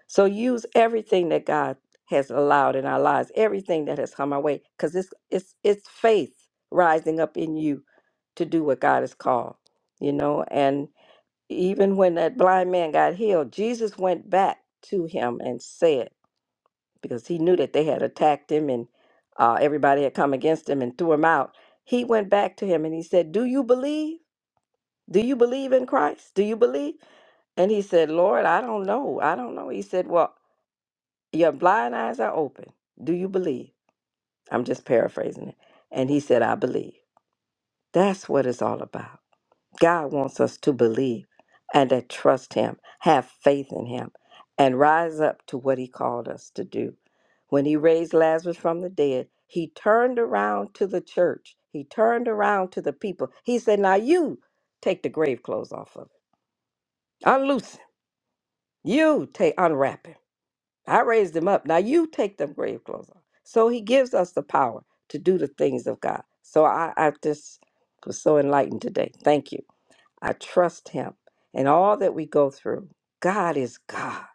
So use everything that God has allowed in our lives, everything that has come our way, because it's it's it's faith rising up in you to do what God has called, you know. And even when that blind man got healed, Jesus went back to him and said, because he knew that they had attacked him and uh, everybody had come against him and threw him out. He went back to him and he said, "Do you believe? Do you believe in Christ? Do you believe?" And he said, "Lord, I don't know. I don't know." He said, "Well." Your blind eyes are open. Do you believe? I'm just paraphrasing it. And he said, I believe. That's what it's all about. God wants us to believe and to trust him, have faith in him, and rise up to what he called us to do. When he raised Lazarus from the dead, he turned around to the church. He turned around to the people. He said, Now you take the grave clothes off of him. Unloose him. You take unwrap him I raised him up. Now you take them grave clothes off. So he gives us the power to do the things of God. So I, I just was so enlightened today. Thank you. I trust him. And all that we go through, God is God.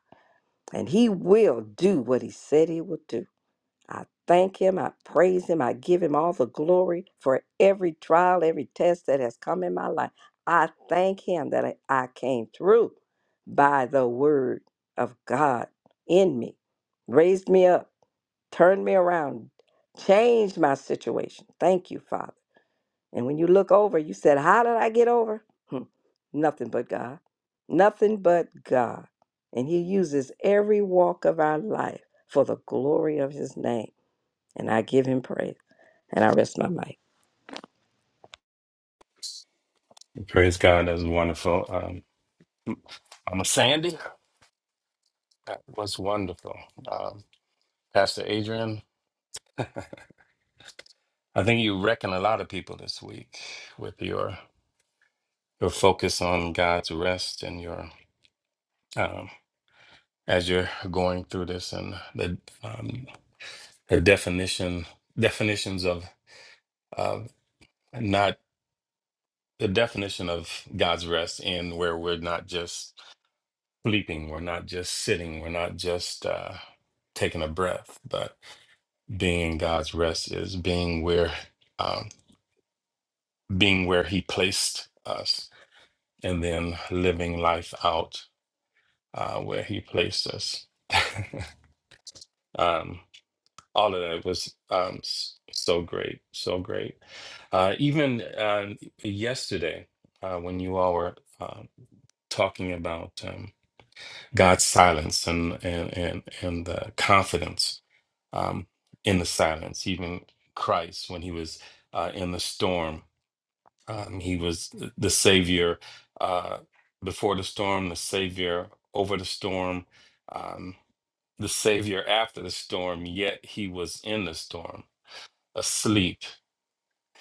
And he will do what he said he will do. I thank him. I praise him. I give him all the glory for every trial, every test that has come in my life. I thank him that I I came through by the word of God in me, raised me up, turned me around, changed my situation. Thank you, Father. And when you look over, you said, How did I get over? Hmm, Nothing but God. Nothing but God. And he uses every walk of our life for the glory of his name. And I give him praise. And I rest my mic. Praise God. That was wonderful. Um, I'm a Sandy. That was wonderful. Um, Pastor Adrian, I think you reckon a lot of people this week with your your focus on God's rest and your um, as you're going through this and the um, the definition definitions of of not the definition of God's rest in where we're not just sleeping, we're not just sitting, we're not just uh, taking a breath, but being God's rest is being where um, being where He placed us, and then living life out uh, where He placed us. um, all of that was um, s- so great, so great. Uh, even uh, yesterday, uh, when you all were uh, talking about um, God's silence and and and and the confidence um, in the silence, even Christ when He was uh, in the storm Um, he was th- the savior uh, before the storm, the savior over the storm, um, the savior after the storm, yet he was in the storm, asleep,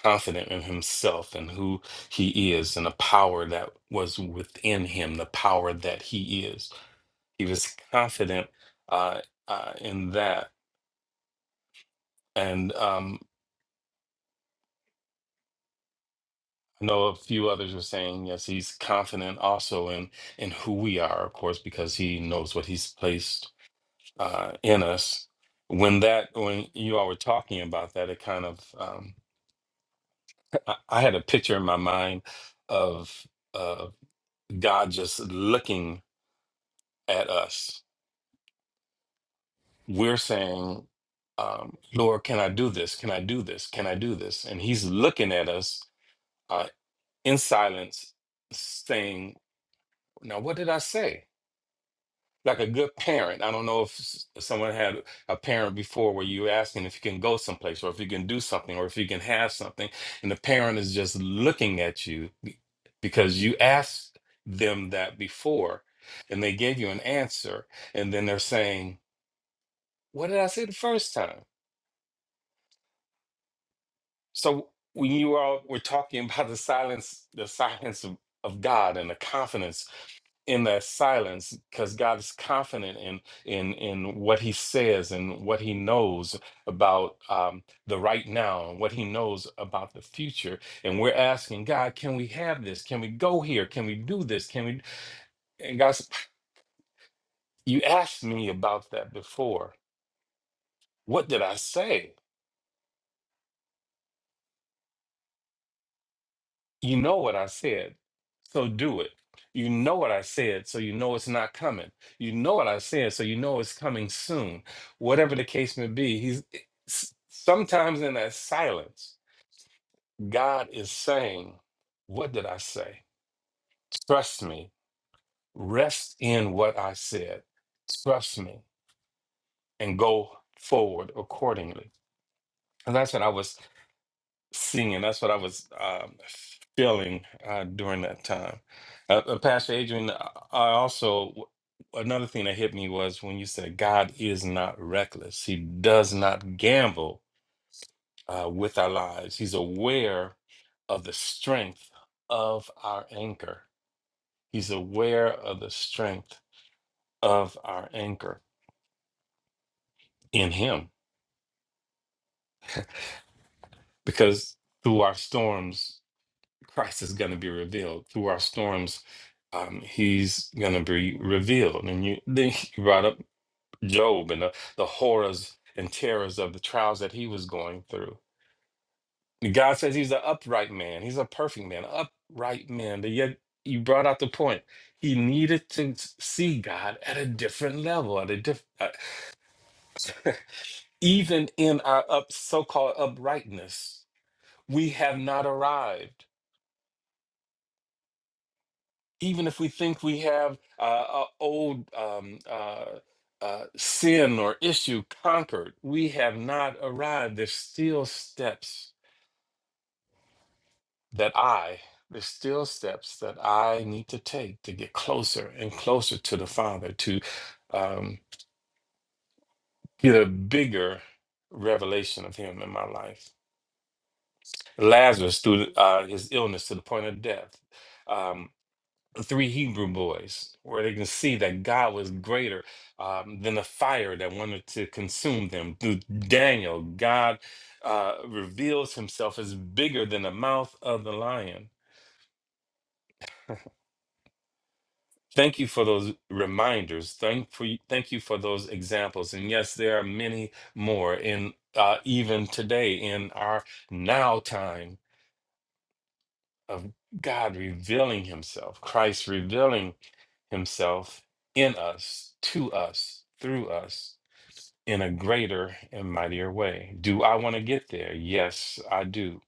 confident in himself and who he is and the power that was within him, the power that he is. He was confident uh, uh, in that. And um, I know a few others were saying yes, he's confident also in in who we are, of course, because he knows what he's placed uh, in us. When that when you all were talking about that, it kind of um, I, I had a picture in my mind of of God just looking at us. We're saying, um, "Lord, can I do this? Can I do this? Can I do this?" And He's looking at us uh, in silence, saying, "Now, what did I say?" like a good parent. I don't know if s- someone had a parent before where you ask them if you can go someplace or if you can do something or if you can have something, and the parent is just looking at you be- because you asked them that before and they gave you an answer, and then they're saying, What did I say the first time? So when you all were talking about the silence, the silence of, of God and the confidence in that silence, because God is confident in in in what He says and what He knows about um, the right now and what He knows about the future. And we're asking God, can we have this? Can we go here? Can we do this? Can we? And God, said, you asked me about that before. What did I say? You know what I said, so do it. You know what I said, so you know it's not coming. You know what I said, so you know it's coming soon. Whatever the case may be, he's eh, s- sometimes in that silence, God is saying, What did I say? Trust me. Rest in what I said. Trust me and go forward accordingly. And that's what I was singing. That's what I was um, feeling uh, during that time. Uh, uh, Pastor Adrian, I I also another thing that hit me was when you said God is not reckless. He does not gamble uh, with our lives. He's aware of the strength of our anchor. He's aware of the strength of our anchor in Him, because through our storms. Christ is going to be revealed through our storms. Um, he's going to be revealed, and you then you brought up Job and the, the horrors and terrors of the trials that he was going through. And God says he's an upright man. He's a perfect man, upright man. But yet you brought out the point. He needed to s- see God at a different level, at a different, even in our up so-called uprightness, we have not arrived even if we think we have uh, a old um, uh, uh, sin or issue conquered, we have not arrived. There's still steps that I, there's still steps that I need to take to get closer and closer to the Father, to um, get a bigger revelation of Him in my life. Lazarus, through uh, his illness to the point of death, Um, the three Hebrew boys, where they can see that God was greater um, than the fire that wanted to consume them. Through Daniel, God uh, reveals himself as bigger than the mouth of the lion. Thank you for those reminders. Thank for thank you for those examples. And yes, there are many more in uh, even today in our now time of God revealing Himself, Christ revealing himself in us, to us, through us, in a greater and mightier way. Do I want to get there? Yes, I do.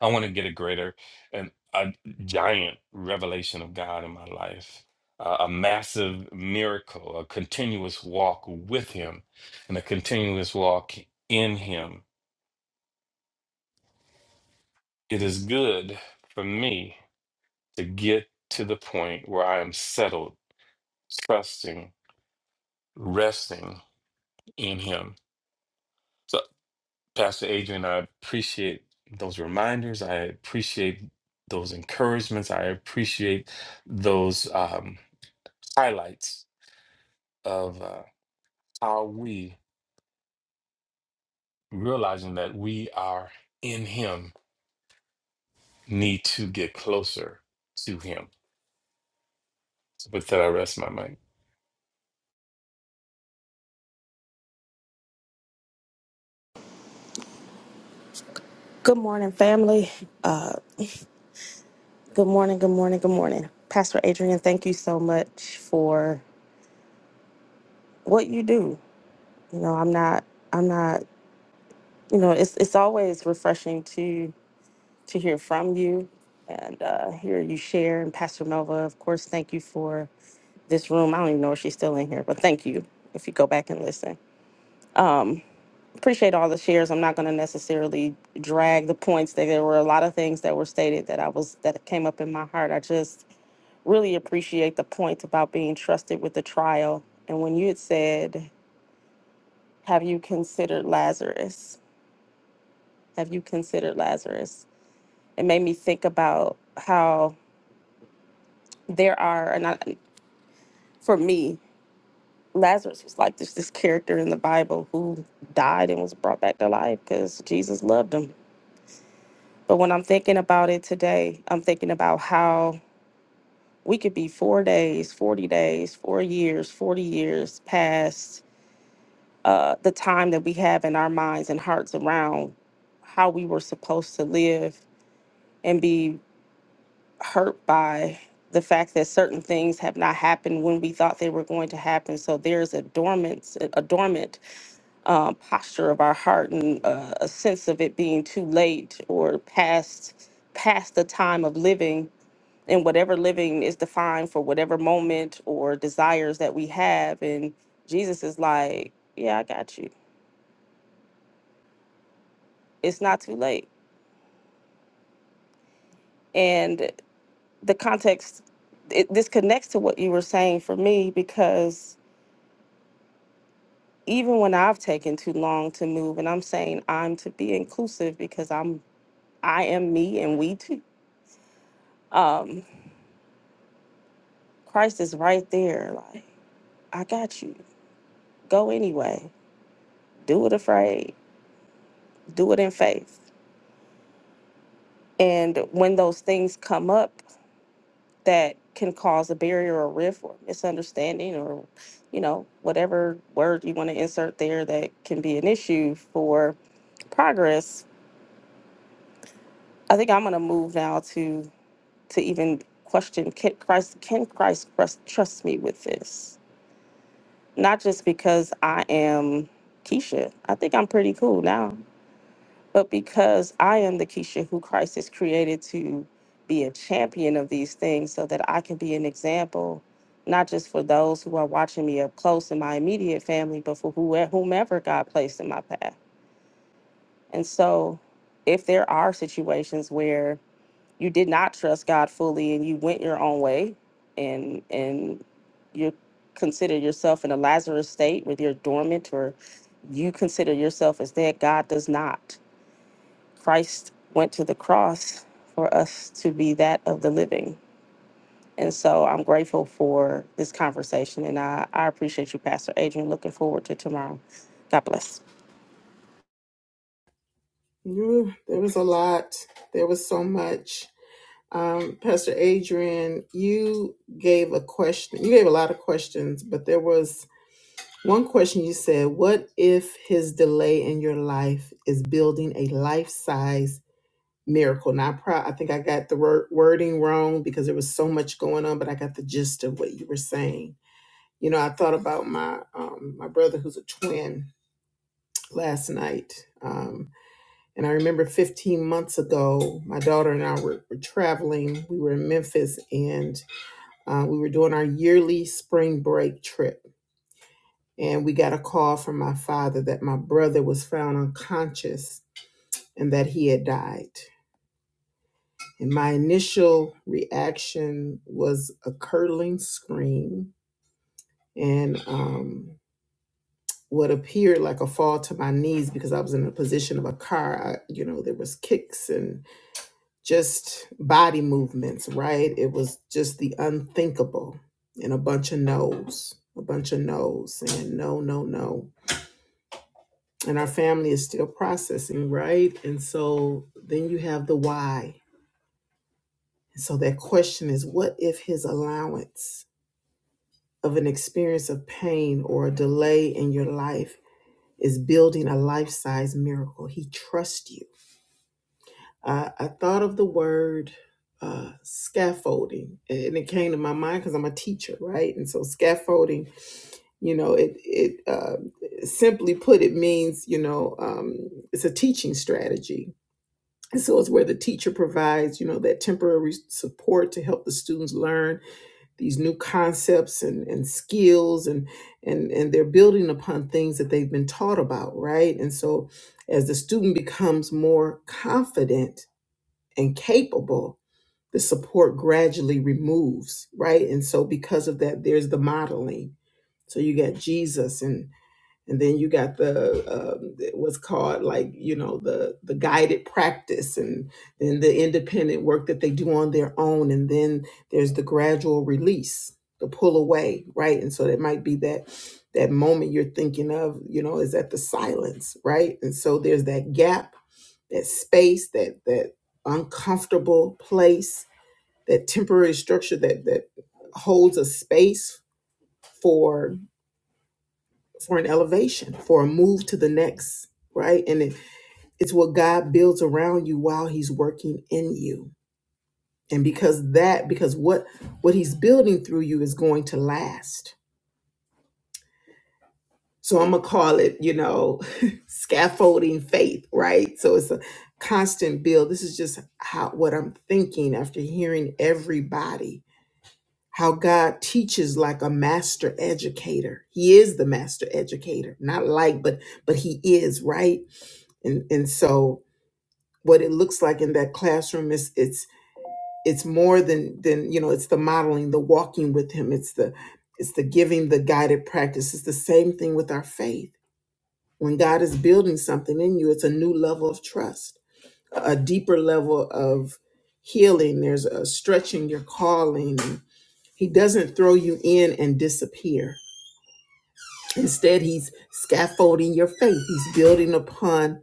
I want to get a greater and a giant revelation of God in my life, uh, a massive miracle, a continuous walk with Him, and a continuous walk in Him. It is good for me to get to the point where I am settled, trusting, resting in Him. So. Pastor Adrian, I appreciate those reminders. I appreciate those encouragements. I appreciate those um, highlights of uh, how we, realizing that we are in Him, need to get closer to Him. With that, I rest my mind. Good morning, family. Uh, good morning, good morning, good morning. Pastor Adrian, thank you so much for what you do. You know, I'm not, I'm not, you know, it's it's always refreshing to to hear from you and uh, hear you share. And Pastor Nova, of course, thank you for this room. I don't even know if she's still in here, but thank you if you go back and listen. Um, appreciate all the shares. I'm not going to necessarily drag the points. There there were a lot of things that were stated that I was that came up in my heart. I just really appreciate the point about being trusted with the trial. And when you had said, Have you considered Lazarus? Have you considered Lazarus? It made me think about how there are, and I, for me, Lazarus was like this, this character in the Bible who died and was brought back to life because Jesus loved him. But when I'm thinking about it today, I'm thinking about how we could be four days, 40 days, four years, 40 years past uh, the time that we have in our minds and hearts around how we were supposed to live and be hurt by the fact that certain things have not happened when we thought they were going to happen. So there's a dormant, a dormant uh, posture of our heart and uh, a sense of it being too late or past, past the time of living. And whatever living is defined for whatever moment or desires that we have. And Jesus is like, Yeah, I got you. It's not too late and the context it, this connects to what you were saying for me because even when i've taken too long to move and i'm saying i'm to be inclusive because i'm i am me and we too um christ is right there like i got you go anyway do it afraid do it in faith and when those things come up that can cause a barrier or rift or misunderstanding or you know whatever word you want to insert there that can be an issue for progress i think i'm going to move now to to even question can christ can christ trust, trust me with this not just because i am keisha i think i'm pretty cool now But because I am the Keisha who Christ has created to be a champion of these things so that I can be an example, not just for those who are watching me up close in my immediate family, but for whoe- whomever God placed in my path. And so if there are situations where you did not trust God fully and you went your own way and and you consider yourself in a Lazarus state where you're dormant or you consider yourself as dead, God does not. Christ went to the cross for us to be that of the living. And so I'm grateful for this conversation. And I, I appreciate you, Pastor Adrian. Looking forward to tomorrow. God bless. Ooh, there was a lot. There was so much. Um, Pastor Adrian, you gave a question. You gave a lot of questions, but there was one question you said, What if his delay in your life is building a life size miracle? Now, I, pro- I think I got the word- wording wrong because there was so much going on, but I got the gist of what you were saying. You know, I thought about my um, my brother who's a twin last night. Um, and I remember 15 months ago, my daughter and I were, were traveling. We were in Memphis and uh, we were doing our yearly spring break trip. And we got a call from my father that my brother was found unconscious and that he had died. And my initial reaction was a curdling scream and um, what appeared like a fall to my knees because I was in a position of a car. I, you know, there was kicks and. just body movements, right? It was just the unthinkable and a bunch of no's, a bunch of no's and no, no, no. And our family is still processing, right? And so then you have the why. so that question is what if his allowance of an experience of pain or a delay in your life is building a life size miracle? He trusts you. I, I thought of the word uh, scaffolding, and it came to my mind because I'm a teacher, right? And so scaffolding, you know, it it uh, simply put, it means you know, um, it's a teaching strategy. And so it's where the teacher provides, you know, that temporary support to help the students learn these new concepts and, and skills and and and they're building upon things that they've been taught about, right? And so as the student becomes more confident and capable, the support gradually removes, right? And so because of that, there's the modeling. So you got Jesus and and then you got the um, what's called like you know the the guided practice and then the independent work that they do on their own and then there's the gradual release the pull away right and so that might be that that moment you're thinking of you know is at the silence right and so there's that gap that space that that uncomfortable place that temporary structure that that holds a space for for an elevation, for a move to the next, right? And it, it's what God builds around you while he's working in you. And because that because what what he's building through you is going to last. So I'm going to call it, you know, scaffolding faith, right? So it's a constant build. This is just how what I'm thinking after hearing everybody how God teaches like a master educator. He is the master educator, not like, but but he is right. And and so what it looks like in that classroom is it's it's more than than you know it's the modeling, the walking with him. It's the it's the giving the guided practice. It's the same thing with our faith. When God is building something in you, it's a new level of trust, a a deeper level of healing. There's a stretching your calling. He doesn't throw you in and disappear. Instead, he's scaffolding your faith. He's building upon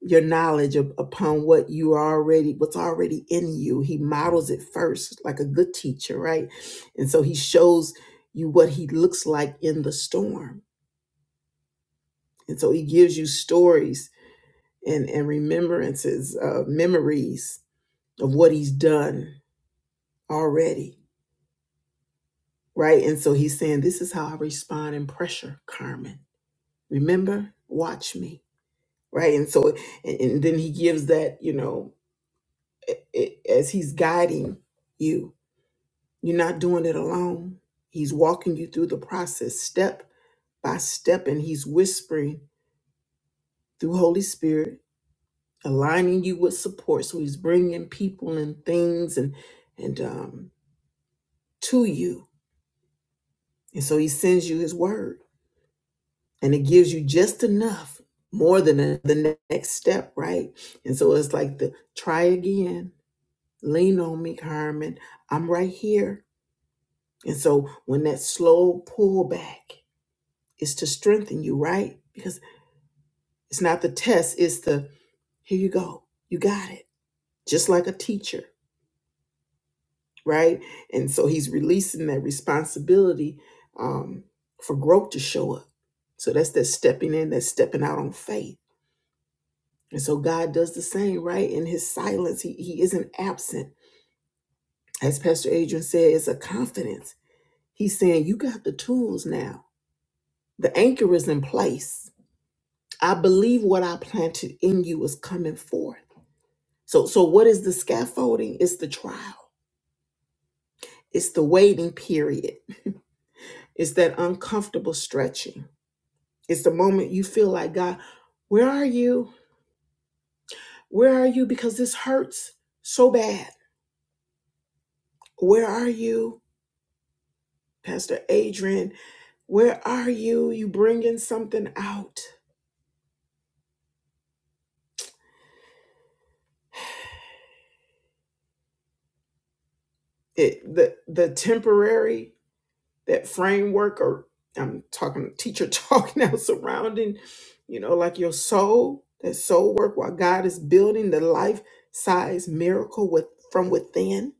your knowledge up- upon what you are already what's already in you. He models it first like a good teacher, right? And so he shows you what he looks like in the storm. And so he gives you stories and and remembrances, uh, memories of what he's done already, right? And so he's saying this is how I respond in pressure, Carmen. remember watch me right and so and, and then he gives that you know a- a- as he's guiding you you're not doing it alone he's walking you through the process step by step and he's whispering through holy spirit aligning you with support so he's bringing people and things and and um to you and so he sends you his word and it gives you just enough more than the the next step right and so it's like the try again Lean on me, Carmen. I'm right here. And so when that slow pullback is to strengthen you, right? Because it's not the test, it's the here you go. You got it. Just like a teacher, right? And so he's releasing that responsibility um, for growth to show up. So that's that stepping in, that's stepping out on faith. And so God does the same, right? In his silence, he, he isn't absent. As Pastor Adrian said, it's a confidence. He's saying, You got the tools now The anchor is in place. I believe what I planted in you is coming forth. So so what is the scaffolding? It's the trial. It's the waiting period. It's that uncomfortable stretching. It's the moment you feel like God, where are you? Where are you because this hurts so bad. Where are you? Pastor Adrian, where are you? You bringing something out. It the the temporary that framework or I'm talking teacher talk now surrounding, you know, like your soul, that soul work while God is building the life size miracle with from within,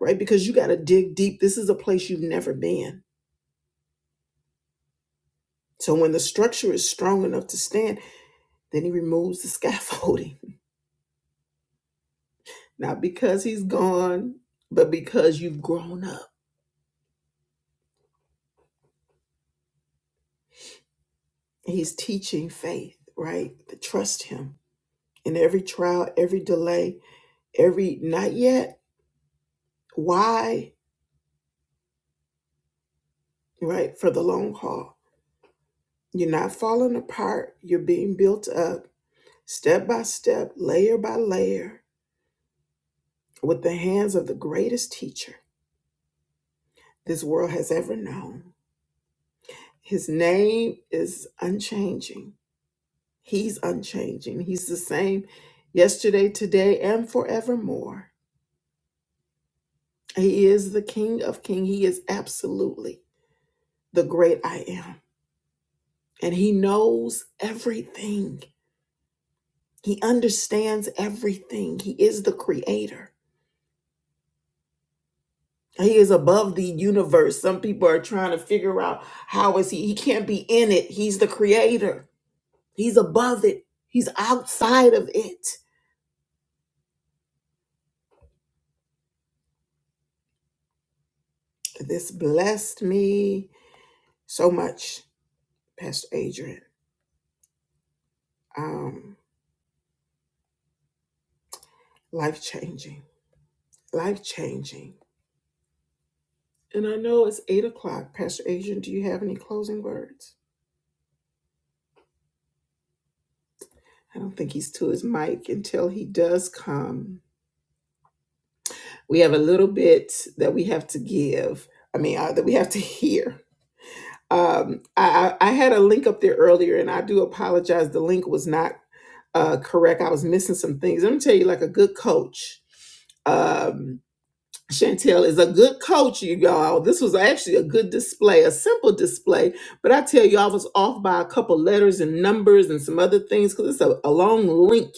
right? Because you got to dig deep. This is a place you've never been. So when the structure is strong enough to stand, then he removes the scaffolding. Not because he's gone, but because you've grown up. He's teaching faith, right? To trust him in every trial, every delay, every not yet Why? Right? For the long haul. You're not falling apart. You're being built up step by step, layer by layer, with the hands of the greatest teacher this world has ever known. His name is unchanging. He's unchanging. He's the same yesterday, today, and forevermore. He is the King of King. He is absolutely the great I am. And he knows everything. He understands everything. He is the creator. He is above the universe. Some people are trying to figure out how is he? He can't be in it. He's the creator. He's above it. He's outside of it. This blessed me so much, Pastor Adrian. Um, life changing. Life changing. And I know it's eight o'clock. Pastor Adrian, do you have any closing words? I don't think he's to his mic until he does come. we have a little bit that we have to give i mean uh, that we have to hear um, I, I I had a link up there earlier and i do apologize the link was not uh, correct i was missing some things let me tell you like a good coach um, Chantel is a good coach, you all. This was actually a good display, a simple display, but I tell you, I was off by a couple letters and numbers and some other things because it's a, a long link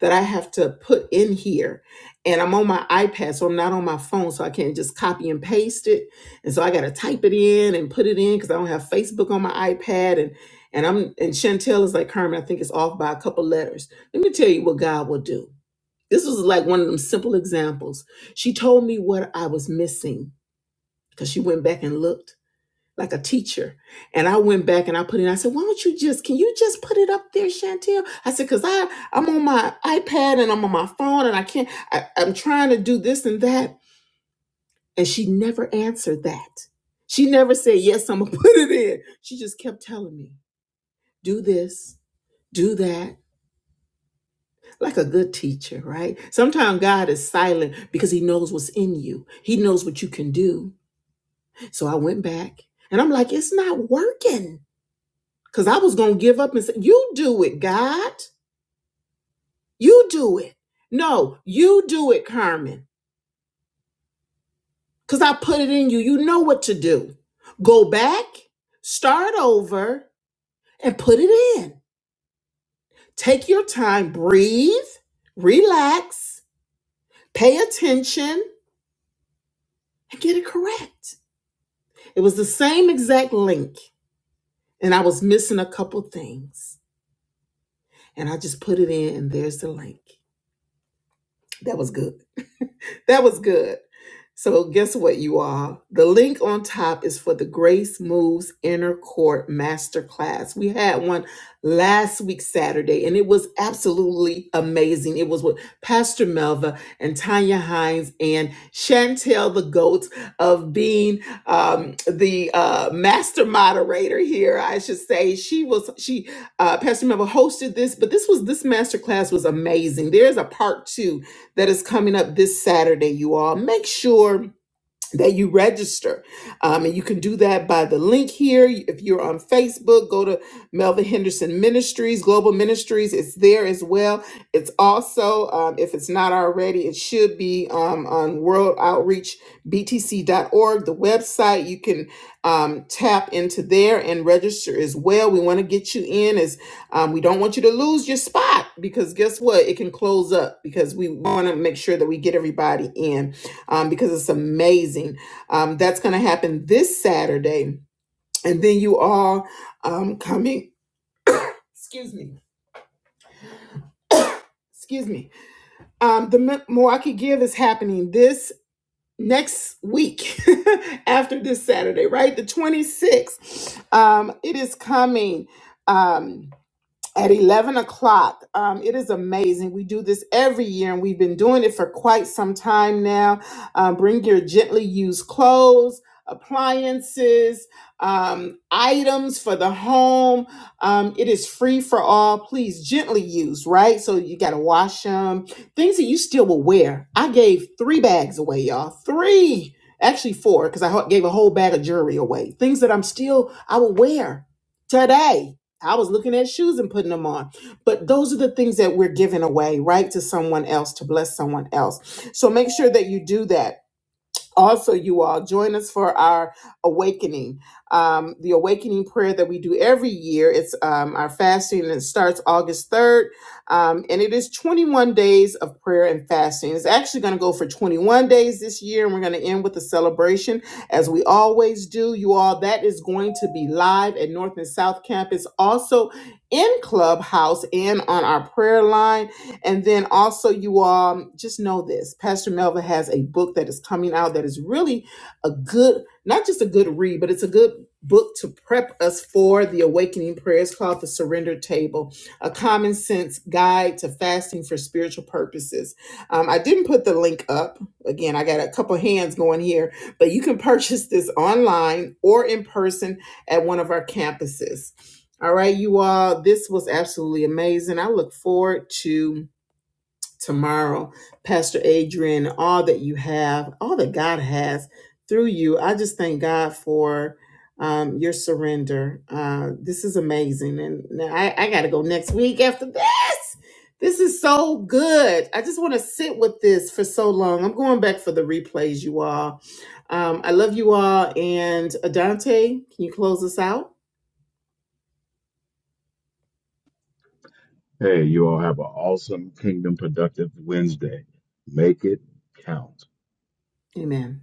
that I have to put in here. And I'm on my iPad, so I'm not on my phone, so I can't just copy and paste it. And so I got to type it in and put it in because I don't have Facebook on my iPad. And and I'm and Chantel is like Herman, I think it's off by a couple letters. Let me tell you what God will do. This was like one of them simple examples. She told me what I was missing because she went back and looked like a teacher. And I went back and I put in, I said, why don't you just, can you just put it up there, Chantel? I said, because I I'm on my iPad and I'm on my phone and I can't, I, I'm trying to do this and that. And she never answered that. She never said, yes, I'm gonna put it in. She just kept telling me, do this, do that like a good teacher, right? Sometimes God is silent because he knows what's in you. He knows what you can do. So I went back and I'm like, it's not working. Cause I was gonna give up and say, You do it, God. You do it. No, you do it, Carmen. Cause I put it in you. You know what to do. Go back, start over, and put it in. Take your time, breathe, relax, pay attention, and get it correct. It was the same exact link, and I was missing a couple things. And I just put it in, and there's the link. That was good. that was good. So, guess what, you all? The link on top is for the Grace Moves Inner Court Masterclass. We had one last week, Saturday, and it was absolutely amazing. It was with Pastor Melva and Tanya Hines and Chantel, the goat of being um, the uh, master moderator here, I should say. She was, she, uh, Pastor Melva hosted this, but this was, this masterclass was amazing. There's a part two that is coming up this Saturday, you all. Make sure that you register. Um, and you can do that by the link here. If you're on Facebook, go to Melvin Henderson Ministries, Global Ministries. It's there as well. It's also, um, if it's not already, it should be um, on worldoutreachbtc.org, the website. You can um, tap into there and register as well. We want to get you in as um, we don't want you to lose your spot because guess what? It can close up because we want to make sure that we get everybody in um, because it's amazing. Um, that's going to happen this Saturday. And then you all um, coming, excuse me, excuse me. Um, the Milwaukee Give is happening this next week after this Saturday, right? The 26th. Um, it is coming. Um, at 11 o'clock. Um, it is amazing. We do this every year and we've been doing it for quite some time now. Um, bring your gently used clothes, appliances, um, items for the home. Um, it is free for all. Please, gently used, right? So you got to wash them. Things that you still will wear. I gave three bags away, y'all. Three. Actually, four, because I ho- gave a whole bag of jewelry away. Things that I'm still, I will wear today I was looking at shoes and putting them on. But those are the things that we're giving away, right, to someone else, to bless someone else. So make sure that you do that also you all join us for our awakening um, the awakening prayer that we do every year it's um, our fasting and it starts august 3rd um, and it is 21 days of prayer and fasting it's actually going to go for 21 days this year and we're going to end with a celebration as we always do you all that is going to be live at north and south campus also in clubhouse and on our prayer line and then also, you all just know this Pastor Melva has a book that is coming out that is really a good, not just a good read, but it's a good book to prep us for the awakening prayers called the surrender table a common sense guide to fasting for spiritual purposes um, i didn't put the link up again i got a couple hands going here but you can purchase this online or in person at one of our campuses all right you all this was absolutely amazing i look forward to tomorrow, Pastor Adrian, all that you have, all that God has through you. I just thank God for um, your surrender. Uh, this is amazing. And now I, I got to go next week after this. This is so good. I just want to sit with this for so long. I'm going back for the replays, you all. Um, I love you all. And Adante, can you close us out? Hey, you all have an awesome Kingdom Productive Wednesday. Make it count. Amen.